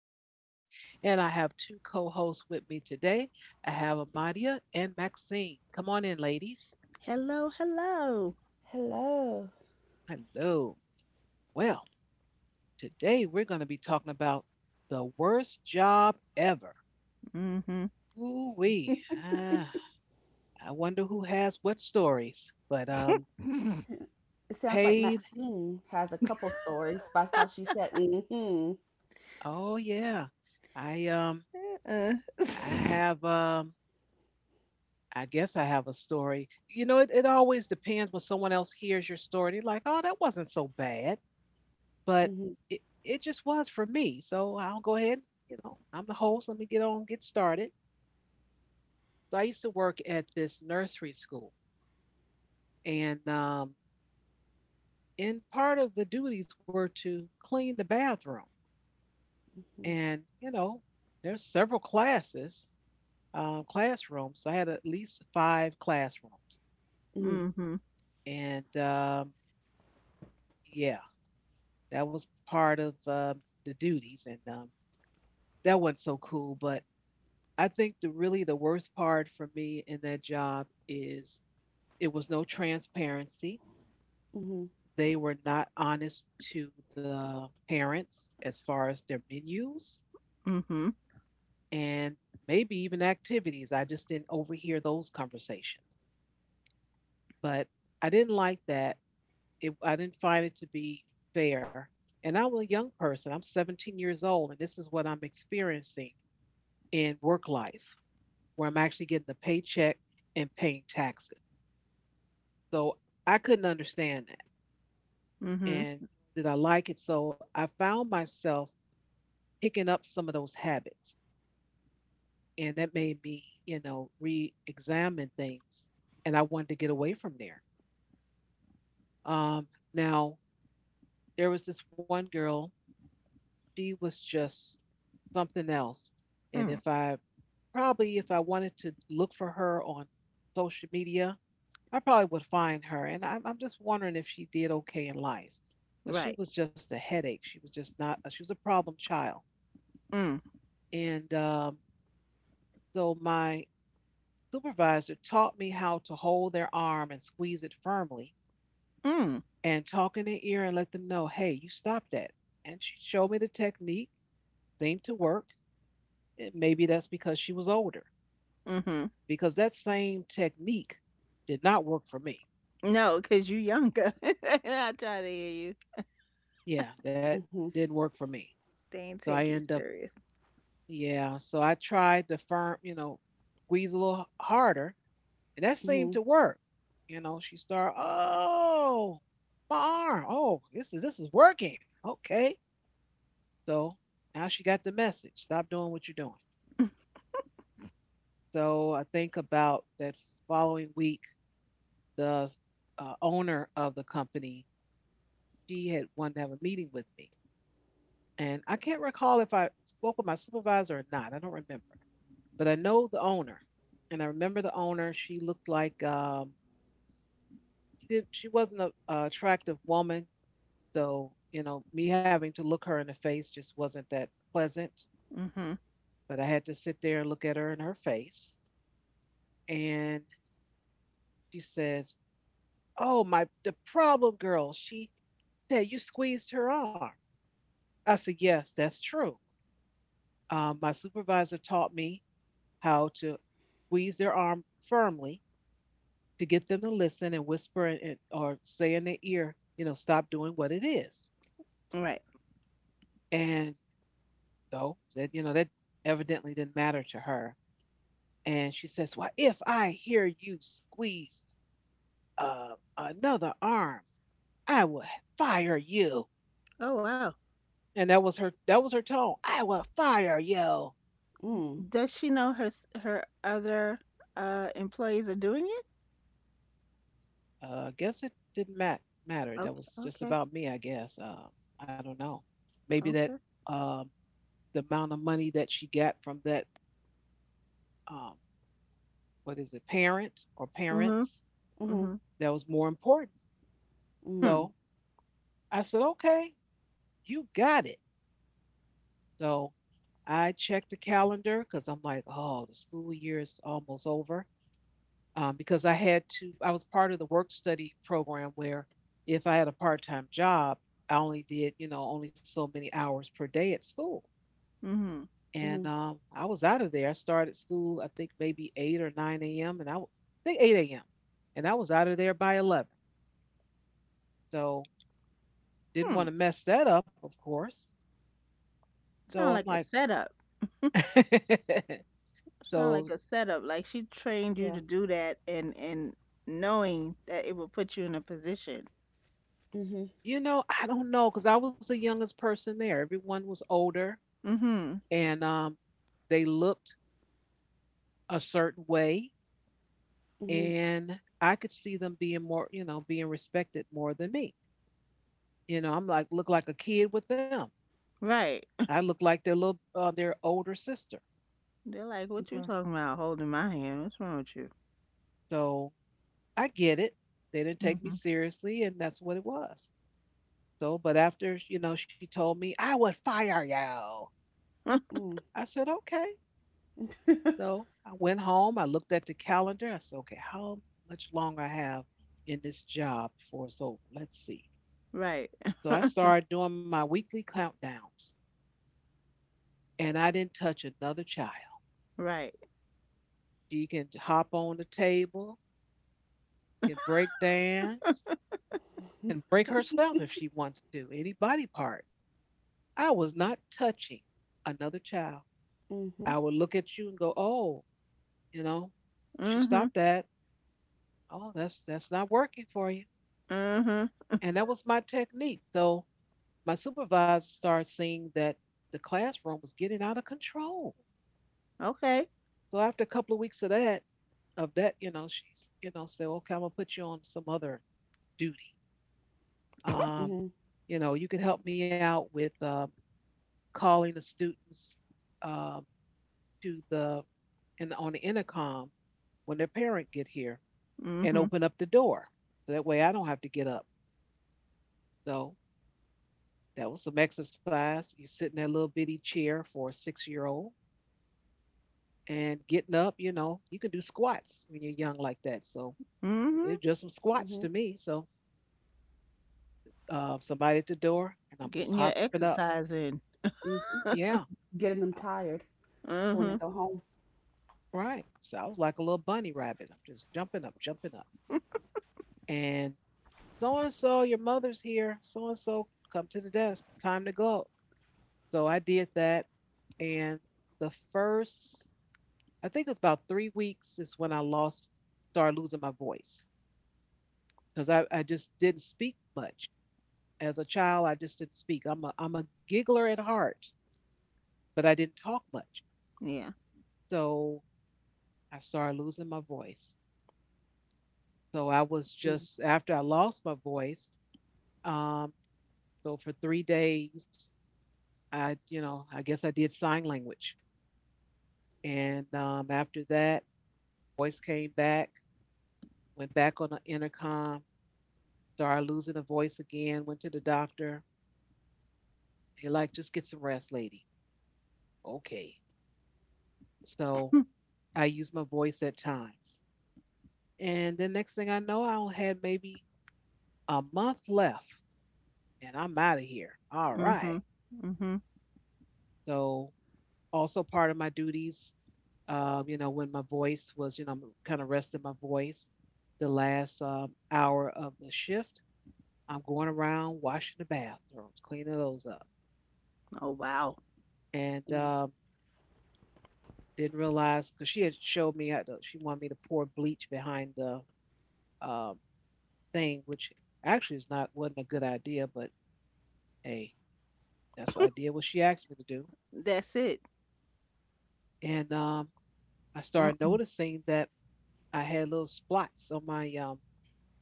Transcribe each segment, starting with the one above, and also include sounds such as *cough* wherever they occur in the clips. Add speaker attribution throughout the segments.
Speaker 1: your host, and I have two co hosts with me today. I have Amadia and Maxine. Come on in, ladies.
Speaker 2: Hello, hello.
Speaker 1: Hello. Well, today we're going to be talking about the worst job ever.
Speaker 2: Mm-hmm.
Speaker 1: Ooh, wee. Ah, I wonder who has what stories, but
Speaker 2: *laughs*
Speaker 1: paid. Oh, yeah. I, um,
Speaker 2: Uh,
Speaker 1: I have, I guess I have a story. You know, it always depends when someone else hears your story. They're like, oh, that wasn't so bad. But it just was for me. So I'll go ahead. You know, I'm the host. Let me get on, get started. So I used to work at this nursery school. And um, and part of the duties were to clean the bathroom. And, you know, there's several classes, classrooms. So I had at least five classrooms.
Speaker 2: mm-hmm.
Speaker 1: And Yeah, that was part of the duties, and that wasn't so cool. But I think the really the worst part for me in that job is it was no transparency. They were not honest to the parents as far as their menus
Speaker 2: Mm-hmm.
Speaker 1: and maybe even activities. I just didn't overhear those conversations. But I didn't like that. I didn't find it to be fair. And I'm a young person, I'm 17 years old, and this is what I'm experiencing in work life where I'm actually getting a paycheck and paying taxes. So I couldn't understand that
Speaker 2: Mm-hmm.
Speaker 1: and did I like it. So I found myself picking up some of those habits and that made me, you know, re examine things. And I wanted to get away from there. Um, Now, there was this one girl, she was just something else. And
Speaker 2: Mm.
Speaker 1: if I probably, if I wanted to look for her on social media, I probably would find her. And I'm just wondering if she did okay in life. But she
Speaker 2: Right.
Speaker 1: was just a headache. She was just not, she was a problem child.
Speaker 2: Mm.
Speaker 1: And So my supervisor taught me how to hold their arm and squeeze it firmly
Speaker 2: Mm.
Speaker 1: and talk in their ear and let them know, hey, you stop that. And she showed me the technique, seemed to work. It, maybe that's because she was older,
Speaker 2: Mm-hmm.
Speaker 1: because that same technique did not work for me.
Speaker 2: No, because you younger. *laughs* I try to hear you.
Speaker 1: Yeah, that didn't work for me.
Speaker 2: They ain't
Speaker 1: So I
Speaker 2: take you
Speaker 1: end up
Speaker 2: serious.
Speaker 1: Yeah, so I tried to firm, you know, squeeze a little harder, and that seemed to work. You know, she started, oh, my arm, oh, this is working, okay. So now she got the message. Stop doing what you're doing. So I think about that following week, the owner of the company, she had wanted to have a meeting with me, and I can't recall if I spoke with my supervisor or not. I don't remember. But I know the owner, and I remember the owner. She looked like she didn't. She wasn't an attractive woman, so you know, me having to look her in the face just wasn't that pleasant.
Speaker 2: Mm-hmm.
Speaker 1: But I had to sit there and look at her in her face, and she says, "Oh my, the problem girl." She said, "You squeezed her arm." I said, "Yes, that's true. My supervisor taught me how to squeeze their arm firmly to get them to listen and whisper and, or say in their ear, you know, stop doing what it is."
Speaker 2: Right.
Speaker 1: And so that, you know, that evidently didn't matter to her. And she says, well, if I hear you squeeze uh, another arm, I will fire you.
Speaker 2: Oh wow.
Speaker 1: And that was her tone. I will fire you.
Speaker 2: Does she know her other employees are doing it?
Speaker 1: I guess it didn't matter. That
Speaker 2: Okay.
Speaker 1: was just
Speaker 2: Okay.
Speaker 1: about me, I guess. I don't know. Maybe that
Speaker 2: Okay.
Speaker 1: um, the amount of money that she got from that, um, what is it, parent or
Speaker 2: Mm-hmm.
Speaker 1: parents,
Speaker 2: Mm-hmm.
Speaker 1: that was more important.
Speaker 2: Hmm.
Speaker 1: So I said, okay, you got it. So I checked the calendar because I'm like, oh, the school year is almost over. Because I had to, I was part of the work study program where if I had a part time job, I only did, you know, only so many hours per day at school.
Speaker 2: Mm-hmm.
Speaker 1: And I was out of there. I started school, I think maybe 8 or 9 a.m. and I think 8 a.m. And I was out of there by 11. So didn't
Speaker 2: Hmm.
Speaker 1: want to mess that up, of course. So
Speaker 2: Sound
Speaker 1: I'm
Speaker 2: like a
Speaker 1: like,
Speaker 2: setup.
Speaker 1: *laughs*
Speaker 2: Sound like
Speaker 1: so,
Speaker 2: a setup. Like she trained you to do that and knowing that it will put you in a position.
Speaker 1: you know, I don't know, because I was the youngest person there. Everyone was older
Speaker 2: Mm-hmm.
Speaker 1: and they looked a certain way. And I could see them being more, you know, being respected more than me. You know, I'm like, look like a kid with them.
Speaker 2: Right.
Speaker 1: I look like their little, their older sister.
Speaker 2: They're like, what you talking about holding my hand? What's wrong with you?
Speaker 1: So I get it. They didn't take me
Speaker 2: Mm-hmm.
Speaker 1: seriously, and that's what it was. So, but after, you know, she told me, I would fire you. I said, okay. So I went home. I looked at the calendar. I said, okay, how much longer I have in this job before it's over? Let's see.
Speaker 2: *laughs* right.
Speaker 1: So I started doing my weekly countdowns, and I didn't touch another child.
Speaker 2: Right.
Speaker 1: She can hop on the table, can break dance, can break herself if she wants to, any body part. I was not touching another child. I would look at you and go, oh, you know, you should
Speaker 2: Mm-hmm.
Speaker 1: stop that. Oh, that's not working for you.
Speaker 2: Mm-hmm.
Speaker 1: And that was my technique. So my supervisor started seeing that the classroom was getting out of control.
Speaker 2: Okay.
Speaker 1: So after a couple of weeks of that, you know, you know, said, okay, I'm gonna put you on some other duty. Um, you know, you could help me out with calling the students, um, to the and on the intercom when their parent get here and
Speaker 2: Mm-hmm.
Speaker 1: open up the door. So that way I don't have to get up. So that was some exercise. You sit in that little bitty chair for a 6 year old and getting up, you know, you can do squats when you're young like that. So
Speaker 2: Mm-hmm.
Speaker 1: it's just some squats to me. So somebody at the door and I'm just
Speaker 2: Getting your
Speaker 1: hopping up.
Speaker 2: exercise in.
Speaker 1: Yeah. uh,
Speaker 2: Mm-hmm.
Speaker 1: Right. So I was like a little bunny rabbit. I'm just jumping up, jumping up. And and so, your mother's here. So and so, come to the desk. Time to go. So I did that. And the first, I think it was about 3 weeks is when started losing my voice, because I just didn't speak much. As a child, I just didn't speak. I'm a giggler at heart, but I didn't talk much.
Speaker 2: Yeah.
Speaker 1: So I started losing my voice. So after I lost my voice, um, so for 3 days, I, you know, I guess I did sign language. And After that, voice came back, went back on the intercom, started losing the voice again, went to the doctor. They like, just get some rest, lady. Okay. So I use my voice at times. And then next thing I know, I only had maybe a month left and I'm out of here. All
Speaker 2: Mm-hmm.
Speaker 1: right.
Speaker 2: Mm-hmm.
Speaker 1: So, also part of my duties, you know, when my voice was, you know, kind of resting my voice the last hour of the shift, I'm going around washing the bathrooms, cleaning those up.
Speaker 2: Oh, wow.
Speaker 1: And Didn't realize because she had showed me, how to, she wanted me to pour bleach behind the um, thing, which actually is not wasn't a good idea, but hey, that's what I did what she asked me to do.
Speaker 2: That's it.
Speaker 1: And I started
Speaker 2: Mm-mm.
Speaker 1: noticing that I had little spots on my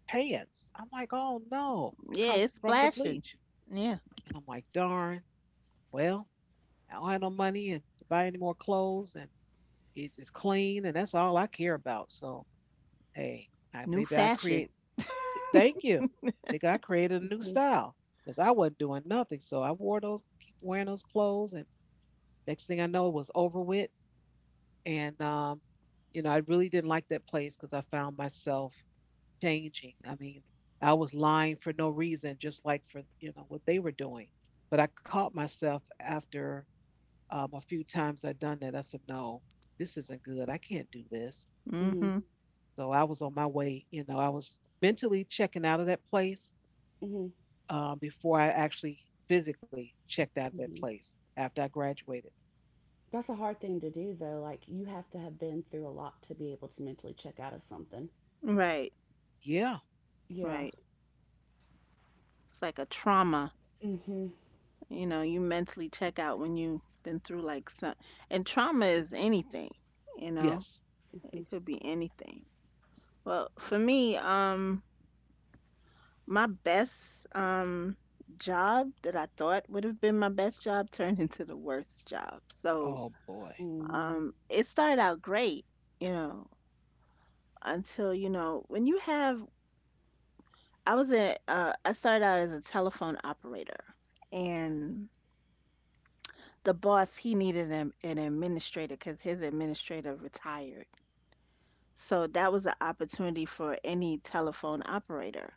Speaker 1: pants. I'm like, oh no, it
Speaker 2: Yeah,
Speaker 1: comes
Speaker 2: it's
Speaker 1: from the
Speaker 2: splashing.
Speaker 1: bleach.
Speaker 2: Yeah.
Speaker 1: And I'm like, darn, well, I don't have no money and to buy any more clothes and it's clean and that's all I care about. So, hey,
Speaker 2: New
Speaker 1: maybe I
Speaker 2: fashion.
Speaker 1: create, thank you. Think I created a new style because I wasn't doing nothing. So I wore those, keep wearing those clothes. And next thing I know, it was over with. And, um, you know, I really didn't like that place because I found myself changing. I mean, I was lying for no reason, just like for, you know, what they were doing. But I caught myself after a few times I'd done that. I said, no, this isn't good. I can't do this.
Speaker 2: Mm-hmm.
Speaker 1: So I was on my way, you know, I was mentally checking out of that place before I actually physically checked out of that place after I graduated.
Speaker 2: Right.
Speaker 1: Yeah.
Speaker 2: Right. It's like a trauma. You know, you mentally check out when you've been through like some, and trauma is anything, you know,
Speaker 1: Yes.
Speaker 2: it could be anything. Well, for me, my best job that I thought would have been my best job turned *laughs* into the worst job. So,
Speaker 1: Oh, boy.
Speaker 2: it started out great, you know, until, you know, when you have, I started out as a telephone operator and the boss he needed an administrator because his administrator retired, so that was an opportunity for any telephone operator.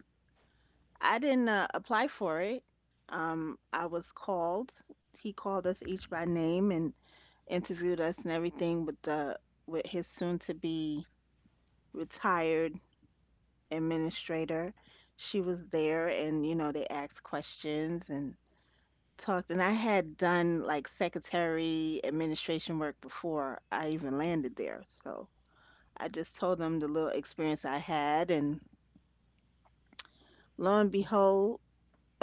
Speaker 2: I didn't apply for it. I was called. He called us each by name and interviewed us and everything with the with his soon to be retired administrator. She was there, and you know they asked questions and talked, and I had done like secretary administration work before I even landed there. So I just told them the little experience I had, and lo and
Speaker 1: Uh,
Speaker 2: behold,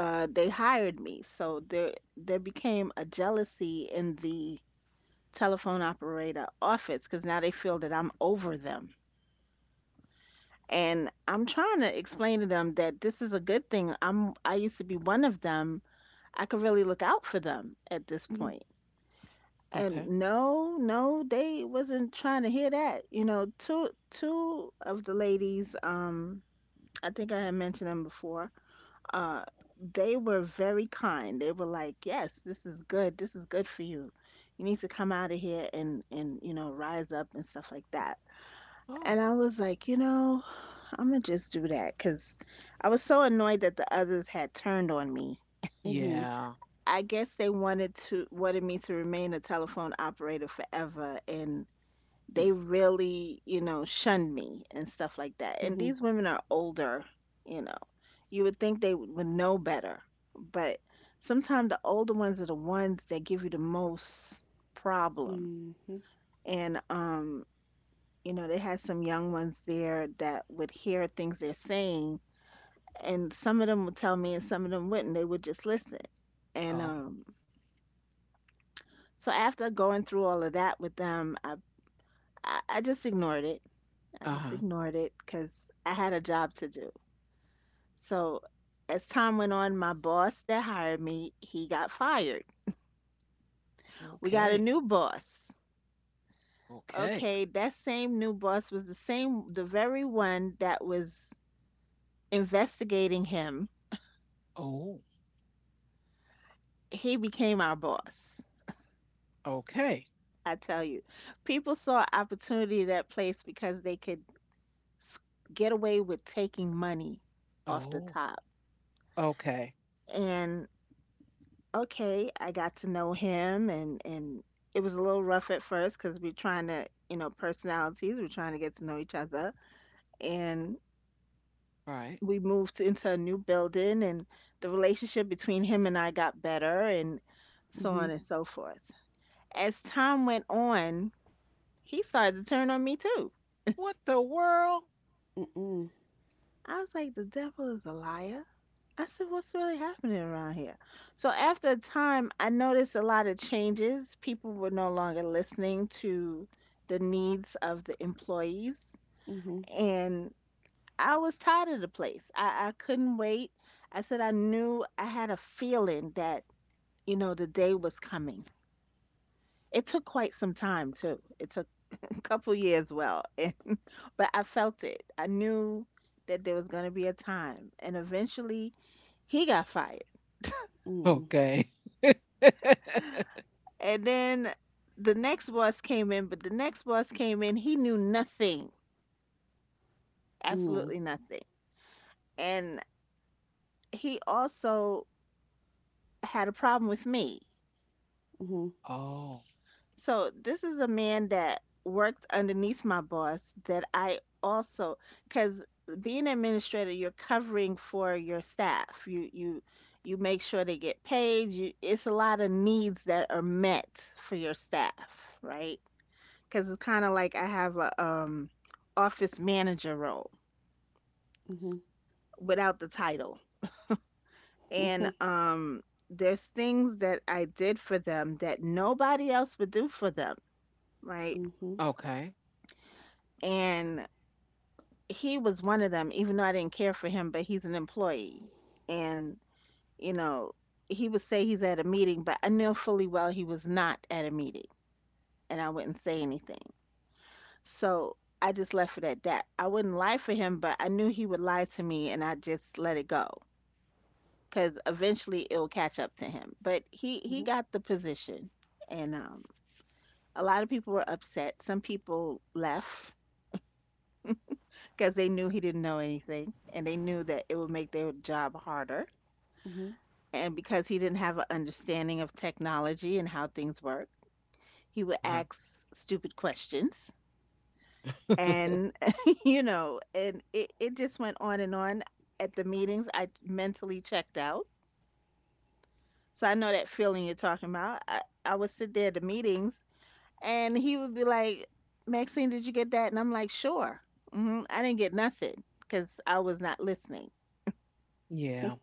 Speaker 2: they hired me. So there became a jealousy in the telephone operator office because now they feel that I'm over them. And I'm trying to explain to them that this is a good thing. I used to be one of them. I could really look out for them at this point.
Speaker 1: Okay.
Speaker 2: And no, no, they wasn't trying to hear that. You know, two of the ladies, I think I had mentioned them before. Uh, they were very kind. They were like, "Yes, this is good. This is good for you. You need to come out of here and you know rise up and stuff like that."
Speaker 1: Oh,
Speaker 2: And I was like, you know, I'm gonna just do that because I was so annoyed that the others had turned on me.
Speaker 1: yeah.
Speaker 2: I guess they wanted me to remain a telephone operator forever, and
Speaker 1: Hmm.
Speaker 2: they really, you know, shunned me and stuff like that. And these women are older, you know. You would think they would know better, but sometimes the older ones are the ones that give you the most problem. And you know, they had some young ones there that would hear things they're saying, and some of them would tell me, and some of them wouldn't. They would just listen. And
Speaker 1: Oh,
Speaker 2: so after going through all of that with them, I just ignored it. I just
Speaker 1: uh-huh.
Speaker 2: ignored it because I had a job to do. So as time went on, my boss that hired me, he got fired. We got
Speaker 1: Okay.
Speaker 2: a new boss.
Speaker 1: Okay.
Speaker 2: Okay, that same new boss was the same, the very one that was investigating him.
Speaker 1: Oh,
Speaker 2: He became our boss.
Speaker 1: okay.
Speaker 2: I tell you, people saw opportunity at that place because they could s- get away with taking money off the
Speaker 1: Oh,
Speaker 2: top.
Speaker 1: okay.
Speaker 2: And okay, I got to know him, and it was a little rough at first cuz we're trying to, you know, personalities, we're trying to get to know each other. And
Speaker 1: All right.
Speaker 2: we moved into a new building, and the relationship between him and I got better and so on and so forth. As time went on, he started to turn on me too.
Speaker 1: What the world?
Speaker 2: I was like, the devil is a liar. I said, what's really happening around here? So after a time, I noticed a lot of changes. People were no longer listening to the needs of the employees. And I was tired of the place. I couldn't wait. I said, I knew I had a feeling that, you know, the day was coming. It took quite some time, too. It took *laughs* a couple years, well, *laughs* but I felt it. I knew that there was going to be a time. And eventually, he got fired.
Speaker 1: Okay. *laughs*
Speaker 2: And then the next boss came in, but the next boss came in, he knew nothing, absolutely nothing. And he also had a problem with me.
Speaker 1: Oh,
Speaker 2: So this is a man that worked underneath my boss that I also cuz being an administrator you're covering for your staff. You you make sure they get paid. You, it's a lot of needs that are met for your staff, right? Because it's kind of like I have a office manager role without the title. And there's things that I did for them that nobody else would do for them, right?
Speaker 1: okay.
Speaker 2: And he was one of them even though I didn't care for him, but he's an employee. And you know, he would say he's at a meeting, but I know fully well he was not at a meeting, and I wouldn't say anything. So I just left it at that. I wouldn't lie for him, but I knew he would lie to me, and I just let it go. Because eventually it'll catch up to him. But he got the position, and a lot of people were upset. Some people left because they knew he didn't know anything, and they knew that it would make their job harder. And because he didn't have an understanding of technology and how things work, he would
Speaker 1: Uh-huh.
Speaker 2: ask stupid questions, and *laughs* you know, and it just went on and on. At the meetings, I mentally checked out. So I know that feeling you're talking about. I would sit there at the meetings, and he would be like, Maxine, did you get that? And I'm like, sure. Hmm, I didn't get nothing because I was not listening.
Speaker 1: Yeah.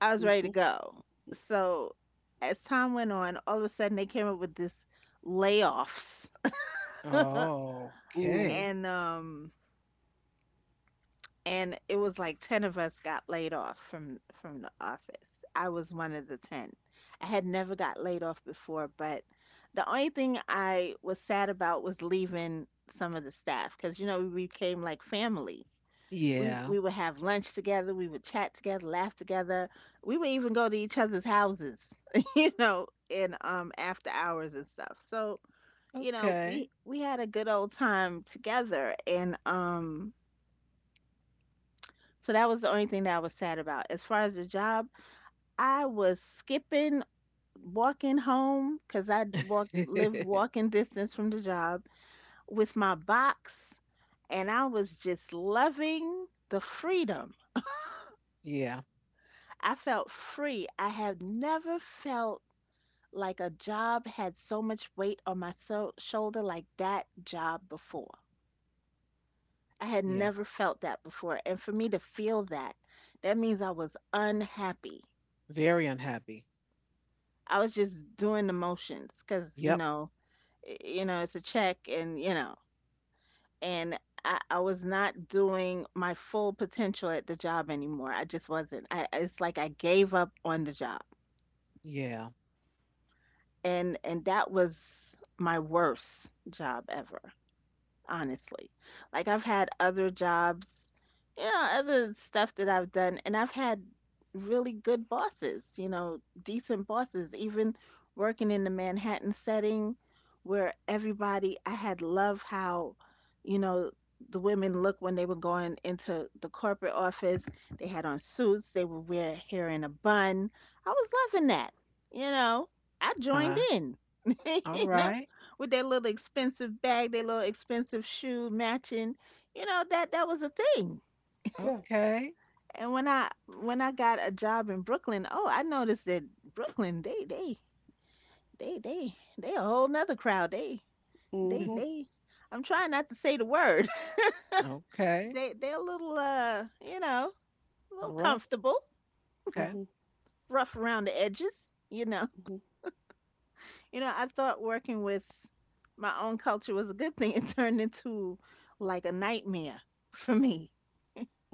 Speaker 2: I was ready to go. So as time went on, all of a sudden they came up with this layoffs,
Speaker 1: Oh, okay.
Speaker 2: and um, and it was like ten of us got laid off from the office. I was one of the ten. I had never got laid off before, but the only thing I was sad about was leaving some of the staff because you know we became like family. we
Speaker 1: Yeah.
Speaker 2: we would have lunch together, we would chat together, laugh together, we would even go to each other's houses *laughs* you know, and after hours and stuff. So you know
Speaker 1: Okay.
Speaker 2: we had a good old time together, and so that was the only thing that I was sad about as far as the job. I was skipping walking home because I walk live
Speaker 1: *laughs*
Speaker 2: walking distance from the job with my box, and I was just loving the freedom.
Speaker 1: Yeah.
Speaker 2: I felt free. I have never felt like a job had so much weight on my shoulder like that job before. I had
Speaker 1: Yeah.
Speaker 2: never felt that before. And for me to feel that, that means I was unhappy.
Speaker 1: Very unhappy.
Speaker 2: I was just doing the motions because,
Speaker 1: Yep.
Speaker 2: you know, you know, it's a check and, you know, and I was not doing my full potential at the job anymore. I just wasn't. It's like I gave up on the job.
Speaker 1: Yeah.
Speaker 2: And that was my worst job ever, honestly. Like I've had other jobs, you know, other stuff that I've done, and I've had really good bosses, you know, decent bosses, even working in the Manhattan setting where everybody, I had love how, you know, the women looked when they were going into the corporate office. They had on suits, they were wear hair in a bun. I was loving that, you know. I
Speaker 1: Huh.
Speaker 2: joined in. *laughs*
Speaker 1: All
Speaker 2: You know,
Speaker 1: right.
Speaker 2: with their little expensive bag, their little expensive shoe matching. You know, that was a thing.
Speaker 1: Okay.
Speaker 2: And when I got a job in Brooklyn, oh, I noticed that Brooklyn, they a whole nother crowd.
Speaker 1: *laughs*
Speaker 2: They I'm trying not to say the word. *laughs*
Speaker 1: Okay.
Speaker 2: They're a little you know, a little
Speaker 1: Rough.
Speaker 2: comfortable,
Speaker 1: Okay.
Speaker 2: rough around the edges, you know. You know, I thought working with my own culture was a good thing. *laughs* It turned into like a nightmare for me.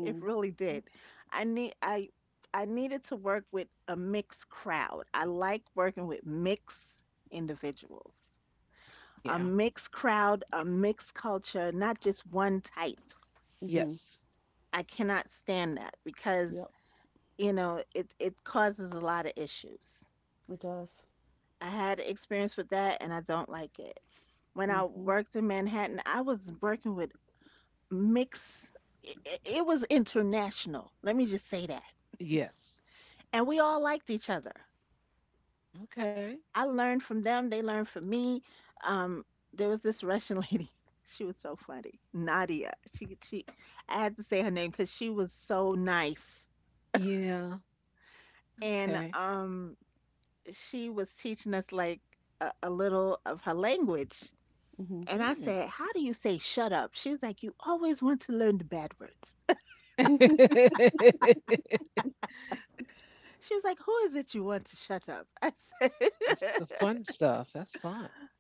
Speaker 2: It really did. I need I I needed to work with a mixed crowd. I like working with mixed individuals. A
Speaker 1: Yeah.
Speaker 2: mixed crowd, a mixed culture, not just one type.
Speaker 1: Yes.
Speaker 2: I cannot stand that because, you know, it causes a lot of issues. I had experience with that, and I don't like it. When I worked in Manhattan, I was working with mixed, it was international. Let me just say that.
Speaker 1: Yes.
Speaker 2: And we all liked each other.
Speaker 1: Okay.
Speaker 2: I learned from them. They learned from me. Um, there was this Russian lady. *laughs* She was so funny, Nadia. She she. I had to say her name because she was so nice,
Speaker 1: Yeah.
Speaker 2: and
Speaker 1: Okay.
Speaker 2: she was teaching us like a little of her language. And I
Speaker 1: Mm.
Speaker 2: said, "How do you say shut up?" She was like, "You always want to learn the bad words."
Speaker 1: *laughs*
Speaker 2: She was like, "Who is it you want to shut up?" *laughs* I
Speaker 1: That's the fun stuff. That's fun.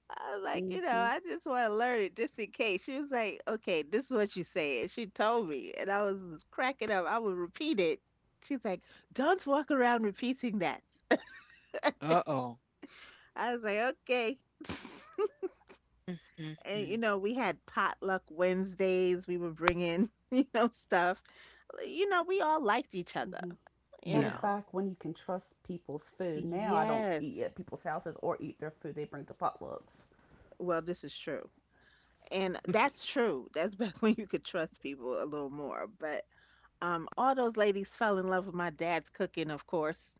Speaker 2: I was like, you know, I just want to learn it just in case. She was like, okay, this is what you said. She told me, and I was just cracking up. I would repeat it. She's like, don't walk around repeating that.
Speaker 1: Uh oh.
Speaker 2: I was like, okay. *laughs*
Speaker 1: Mm, mm,
Speaker 2: And,
Speaker 1: mm.
Speaker 2: you know, we had potluck Wednesdays. We were bringing, *laughs* you know, stuff. We all liked each other, you
Speaker 1: Yeah.
Speaker 2: know. Yes. Well, this is true. And that's true. That's back *laughs* when you could trust people a little more. But all those ladies fell in love with my dad's cooking, of course.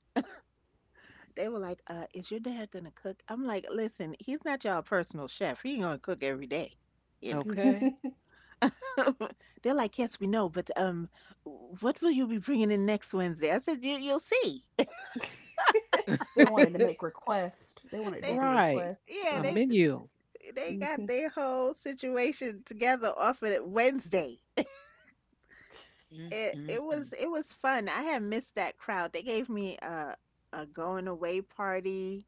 Speaker 2: They were like, is your dad gonna cook? I'm like, listen, he's not y'all personal chef. He ain't gonna cook every day, you
Speaker 1: Okay.
Speaker 2: know. *laughs* They're like, yes, we know, but what will you be bringing in next Wednesday? I said, you'll see.
Speaker 1: *laughs*
Speaker 2: They,
Speaker 1: Right. A
Speaker 2: yeah, they
Speaker 1: menu.
Speaker 2: they got their whole situation together off of Wednesday.
Speaker 1: Mm,
Speaker 2: It
Speaker 1: mm,
Speaker 2: it
Speaker 1: mm.
Speaker 2: was it was fun. I had missed that crowd. They gave me a going away party.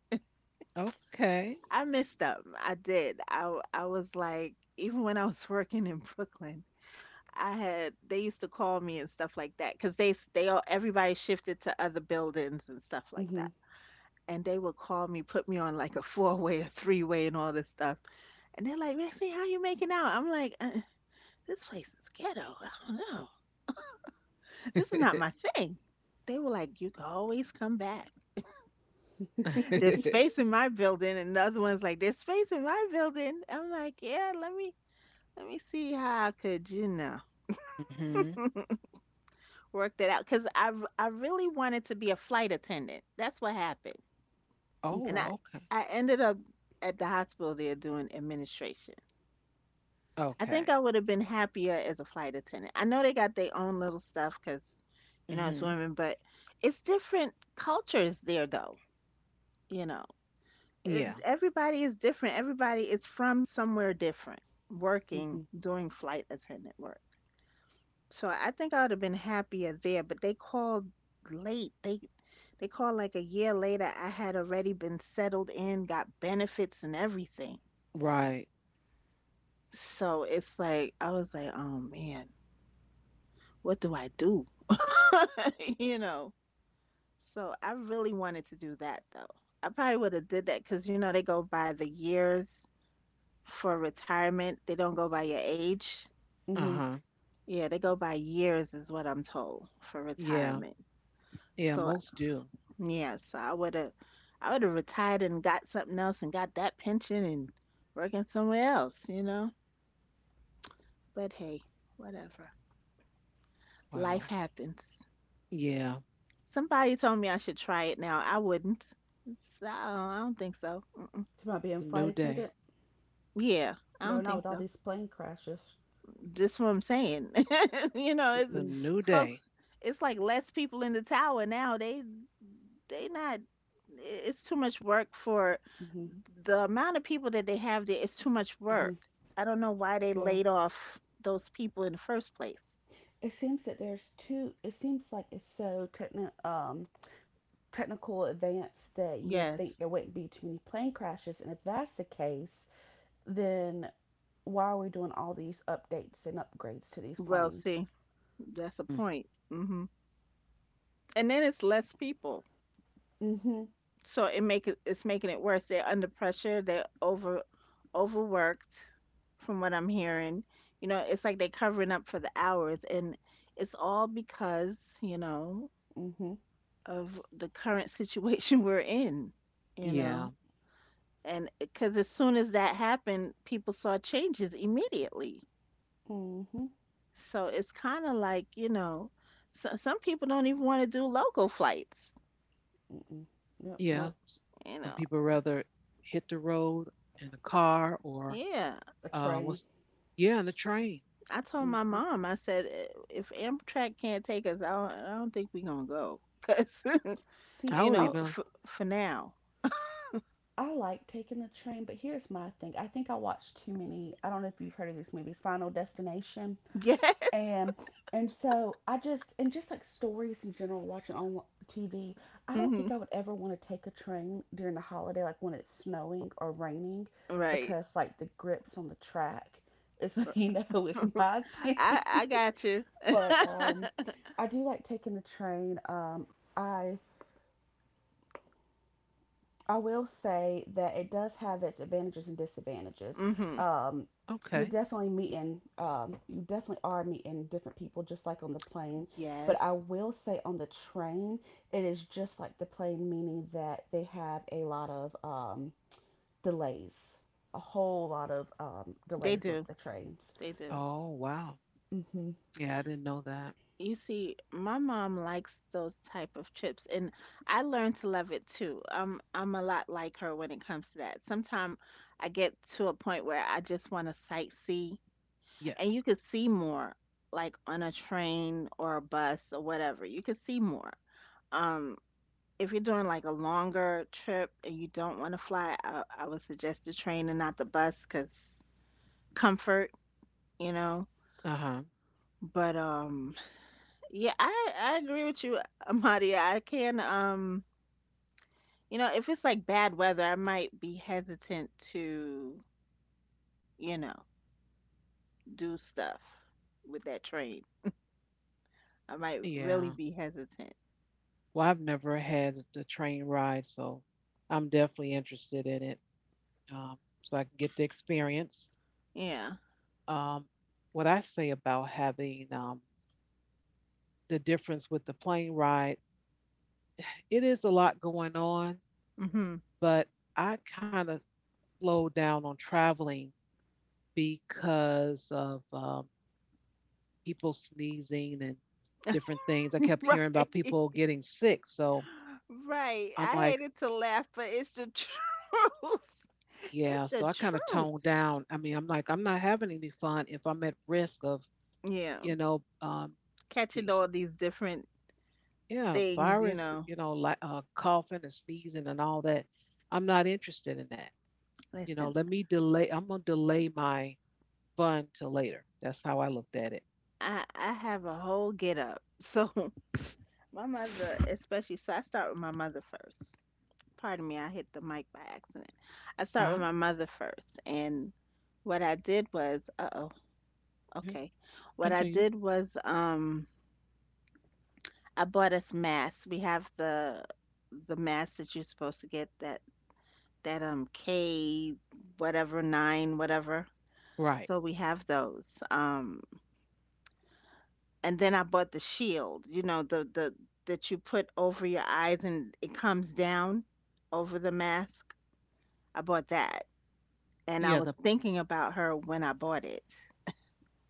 Speaker 1: Okay.
Speaker 2: I missed them. I did. I was like, even when I was *laughs* working in Brooklyn, I had they used to call me and stuff like that because they s- they all everybody shifted to other buildings and stuff like that, and they would call me, put me on like a *laughs* four way, a three way, and all this stuff, and they're like, Maxie, how you making out? I'm like, this place is ghetto. *laughs* I don't know. This is not
Speaker 1: *laughs*
Speaker 2: my thing. They were like, you can always come back. There's space in my building. And the other one's like, there's space in my building. I'm like, yeah, let me see how I could, you know,
Speaker 1: Mhm.
Speaker 2: work that out 'cause I really wanted to be a flight attendant. That's what happened. And
Speaker 1: Oh,
Speaker 2: I
Speaker 1: okay.
Speaker 2: I ended up at the hospital there doing administration. I think
Speaker 1: Okay.
Speaker 2: I would have been happier as a flight attendant. I know they got their own little stuff, cause it's
Speaker 1: Mhm.
Speaker 2: women, but it's different cultures there though, you know. It,
Speaker 1: Yeah.
Speaker 2: everybody is different. Everybody is from somewhere different working doing flight attendant work. So I think I would have been happier there, but they called late. They called like a year later. I had already been settled in, got benefits and everything.
Speaker 1: Right.
Speaker 2: So it's like I was like, "Oh man, what do I do?" *laughs* You know. So I really wanted to do that though. I probably would have did that because they go by the years for retirement. They don't go by your age.
Speaker 1: Uh huh.
Speaker 2: Yeah, they go by years is what I'm told for
Speaker 1: Yeah.
Speaker 2: retirement.
Speaker 1: Yeah.
Speaker 2: So
Speaker 1: Most do.
Speaker 2: yes, I would have retired and got something else and got that pension and working somewhere else, you know? But hey, whatever. Life
Speaker 1: Wow.
Speaker 2: happens.
Speaker 1: Yeah.
Speaker 2: Somebody told me I should try it now. I wouldn't. So I don't think so. Mm-mm.
Speaker 1: It's a new day.
Speaker 2: Yeah, I don't think so. Just what I'm saying. *laughs* you know,
Speaker 1: It's
Speaker 2: it's,
Speaker 1: a new
Speaker 2: folks,
Speaker 1: day.
Speaker 2: it's like less people in the tower now. They not it's too much work for the amount of people that they have there. It's too much work. I don't know why they laid off those people in the first place. Yes. Well, see, that's a
Speaker 1: Mm.
Speaker 2: point. Hmm. And then it's less people, so it's making it worse. They're under pressure. They're overworked, from what I'm hearing. It's like they're covering up for the hours, and it's all because of the current situation *laughs* we're in, you
Speaker 1: Yeah,
Speaker 2: know. And because as soon as that happened, people saw changes immediately. So it's kind of like, so, some people don't even want to do local flights,
Speaker 1: yeah.
Speaker 2: you
Speaker 1: Some
Speaker 2: know.
Speaker 1: people rather hit the road in a car or
Speaker 2: Yeah.
Speaker 1: what's yeah, in the train.
Speaker 2: I told my mom, I said, "If Amtrak can't take us, I don't think we're going to go. Because, *laughs*
Speaker 1: I
Speaker 2: you
Speaker 1: would
Speaker 2: know,
Speaker 1: even
Speaker 2: for now. *laughs* Yes. Hmm. Right. *laughs* I got you. *laughs* Hmm.
Speaker 1: Okay.
Speaker 2: Yes. They do. They do.
Speaker 1: Oh wow. Yeah, I didn't know that.
Speaker 2: You see, my mom likes those type of trips, and I learned to love it too. I'm a lot like her when it comes to that. Sometimes I get to a point where I just want to sightsee, and you
Speaker 1: Yes.
Speaker 2: could see more, like on a train or a bus or whatever. You could see more. Um, if you're doing like a longer trip and you don't want to fly, I would suggest the train and not the bus, 'cause comfort, you know.
Speaker 1: Uh huh.
Speaker 2: But. Yeah, I agree with you, Amadia. I can you know, if it's like bad weather, I might be hesitant to, you know, do stuff with that train. I might really
Speaker 1: Yeah.
Speaker 2: be hesitant.
Speaker 1: Well, I've never had the train ride, so I'm definitely interested in it, so I can get the experience.
Speaker 2: Yeah.
Speaker 1: Um, what I say about having the difference with the plane ride, it is a lot going on,
Speaker 2: Hmm. *laughs*
Speaker 1: but I kind of slowed down on traveling because of people sneezing and different things. I kept hearing about
Speaker 2: Right.
Speaker 1: people getting sick. So
Speaker 2: Right.
Speaker 1: I'm
Speaker 2: I
Speaker 1: like,
Speaker 2: hated to laugh, but it's the *laughs* truth.
Speaker 1: yeah,
Speaker 2: It's
Speaker 1: so I
Speaker 2: the
Speaker 1: kind of
Speaker 2: truth.
Speaker 1: toned down. I mean, I'm like, I'm not having any fun if I'm at risk of,
Speaker 2: Yeah.
Speaker 1: you know, um, be-
Speaker 2: Catching
Speaker 1: s-
Speaker 2: all these different
Speaker 1: yeah,
Speaker 2: things, you
Speaker 1: virus,
Speaker 2: know.
Speaker 1: you know, like coughing and sneezing and all that. I'm not interested in that. You know, let
Speaker 2: Listen,
Speaker 1: me delay. I'm gonna delay my fun till later. That's how I looked at it.
Speaker 2: I have a whole get up. So my mother, especially, so I start with my mother first. Pardon me, I hit the mic by accident. I
Speaker 1: Uh
Speaker 2: start with my mother first. And what I did was, uh oh,
Speaker 1: huh.
Speaker 2: okay. What I
Speaker 1: Continue.
Speaker 2: did was, I bought us masks. We have the mask that you're supposed to get that K whatever nine whatever.
Speaker 1: Right.
Speaker 2: So we have those. And then I bought the shield. You know the that you put over your eyes and it comes down over the mask. I bought that,
Speaker 1: Yeah,
Speaker 2: and I
Speaker 1: the
Speaker 2: was thinking about her when I bought it.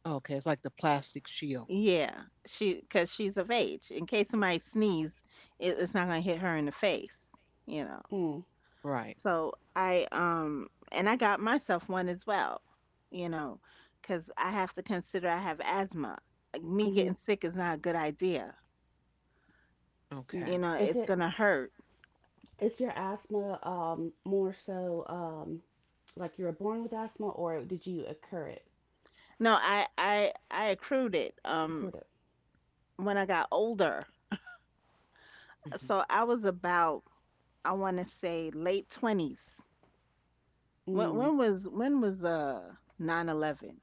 Speaker 1: Okay, it's like the plastic shield.
Speaker 2: Yeah, she because she's of age. In case somebody sneezes, it's not gonna hit her in the face, you know.
Speaker 3: Mm,
Speaker 1: Right.
Speaker 2: So I got myself one as well, you know, because I have to consider I have asthma. Like, me
Speaker 3: hmm
Speaker 2: getting sick is not a good idea.
Speaker 3: mm.
Speaker 1: Okay.
Speaker 3: Is
Speaker 2: It's
Speaker 3: it
Speaker 2: gonna hurt.
Speaker 3: is your asthma more so like you were born with asthma or did you occur it
Speaker 2: No, I accrued it
Speaker 3: accrued it?
Speaker 2: when I got older.
Speaker 1: Hmm.
Speaker 2: So I was about, I want to say, late 20s. When
Speaker 3: Mm.
Speaker 2: when was when was uh 9/11?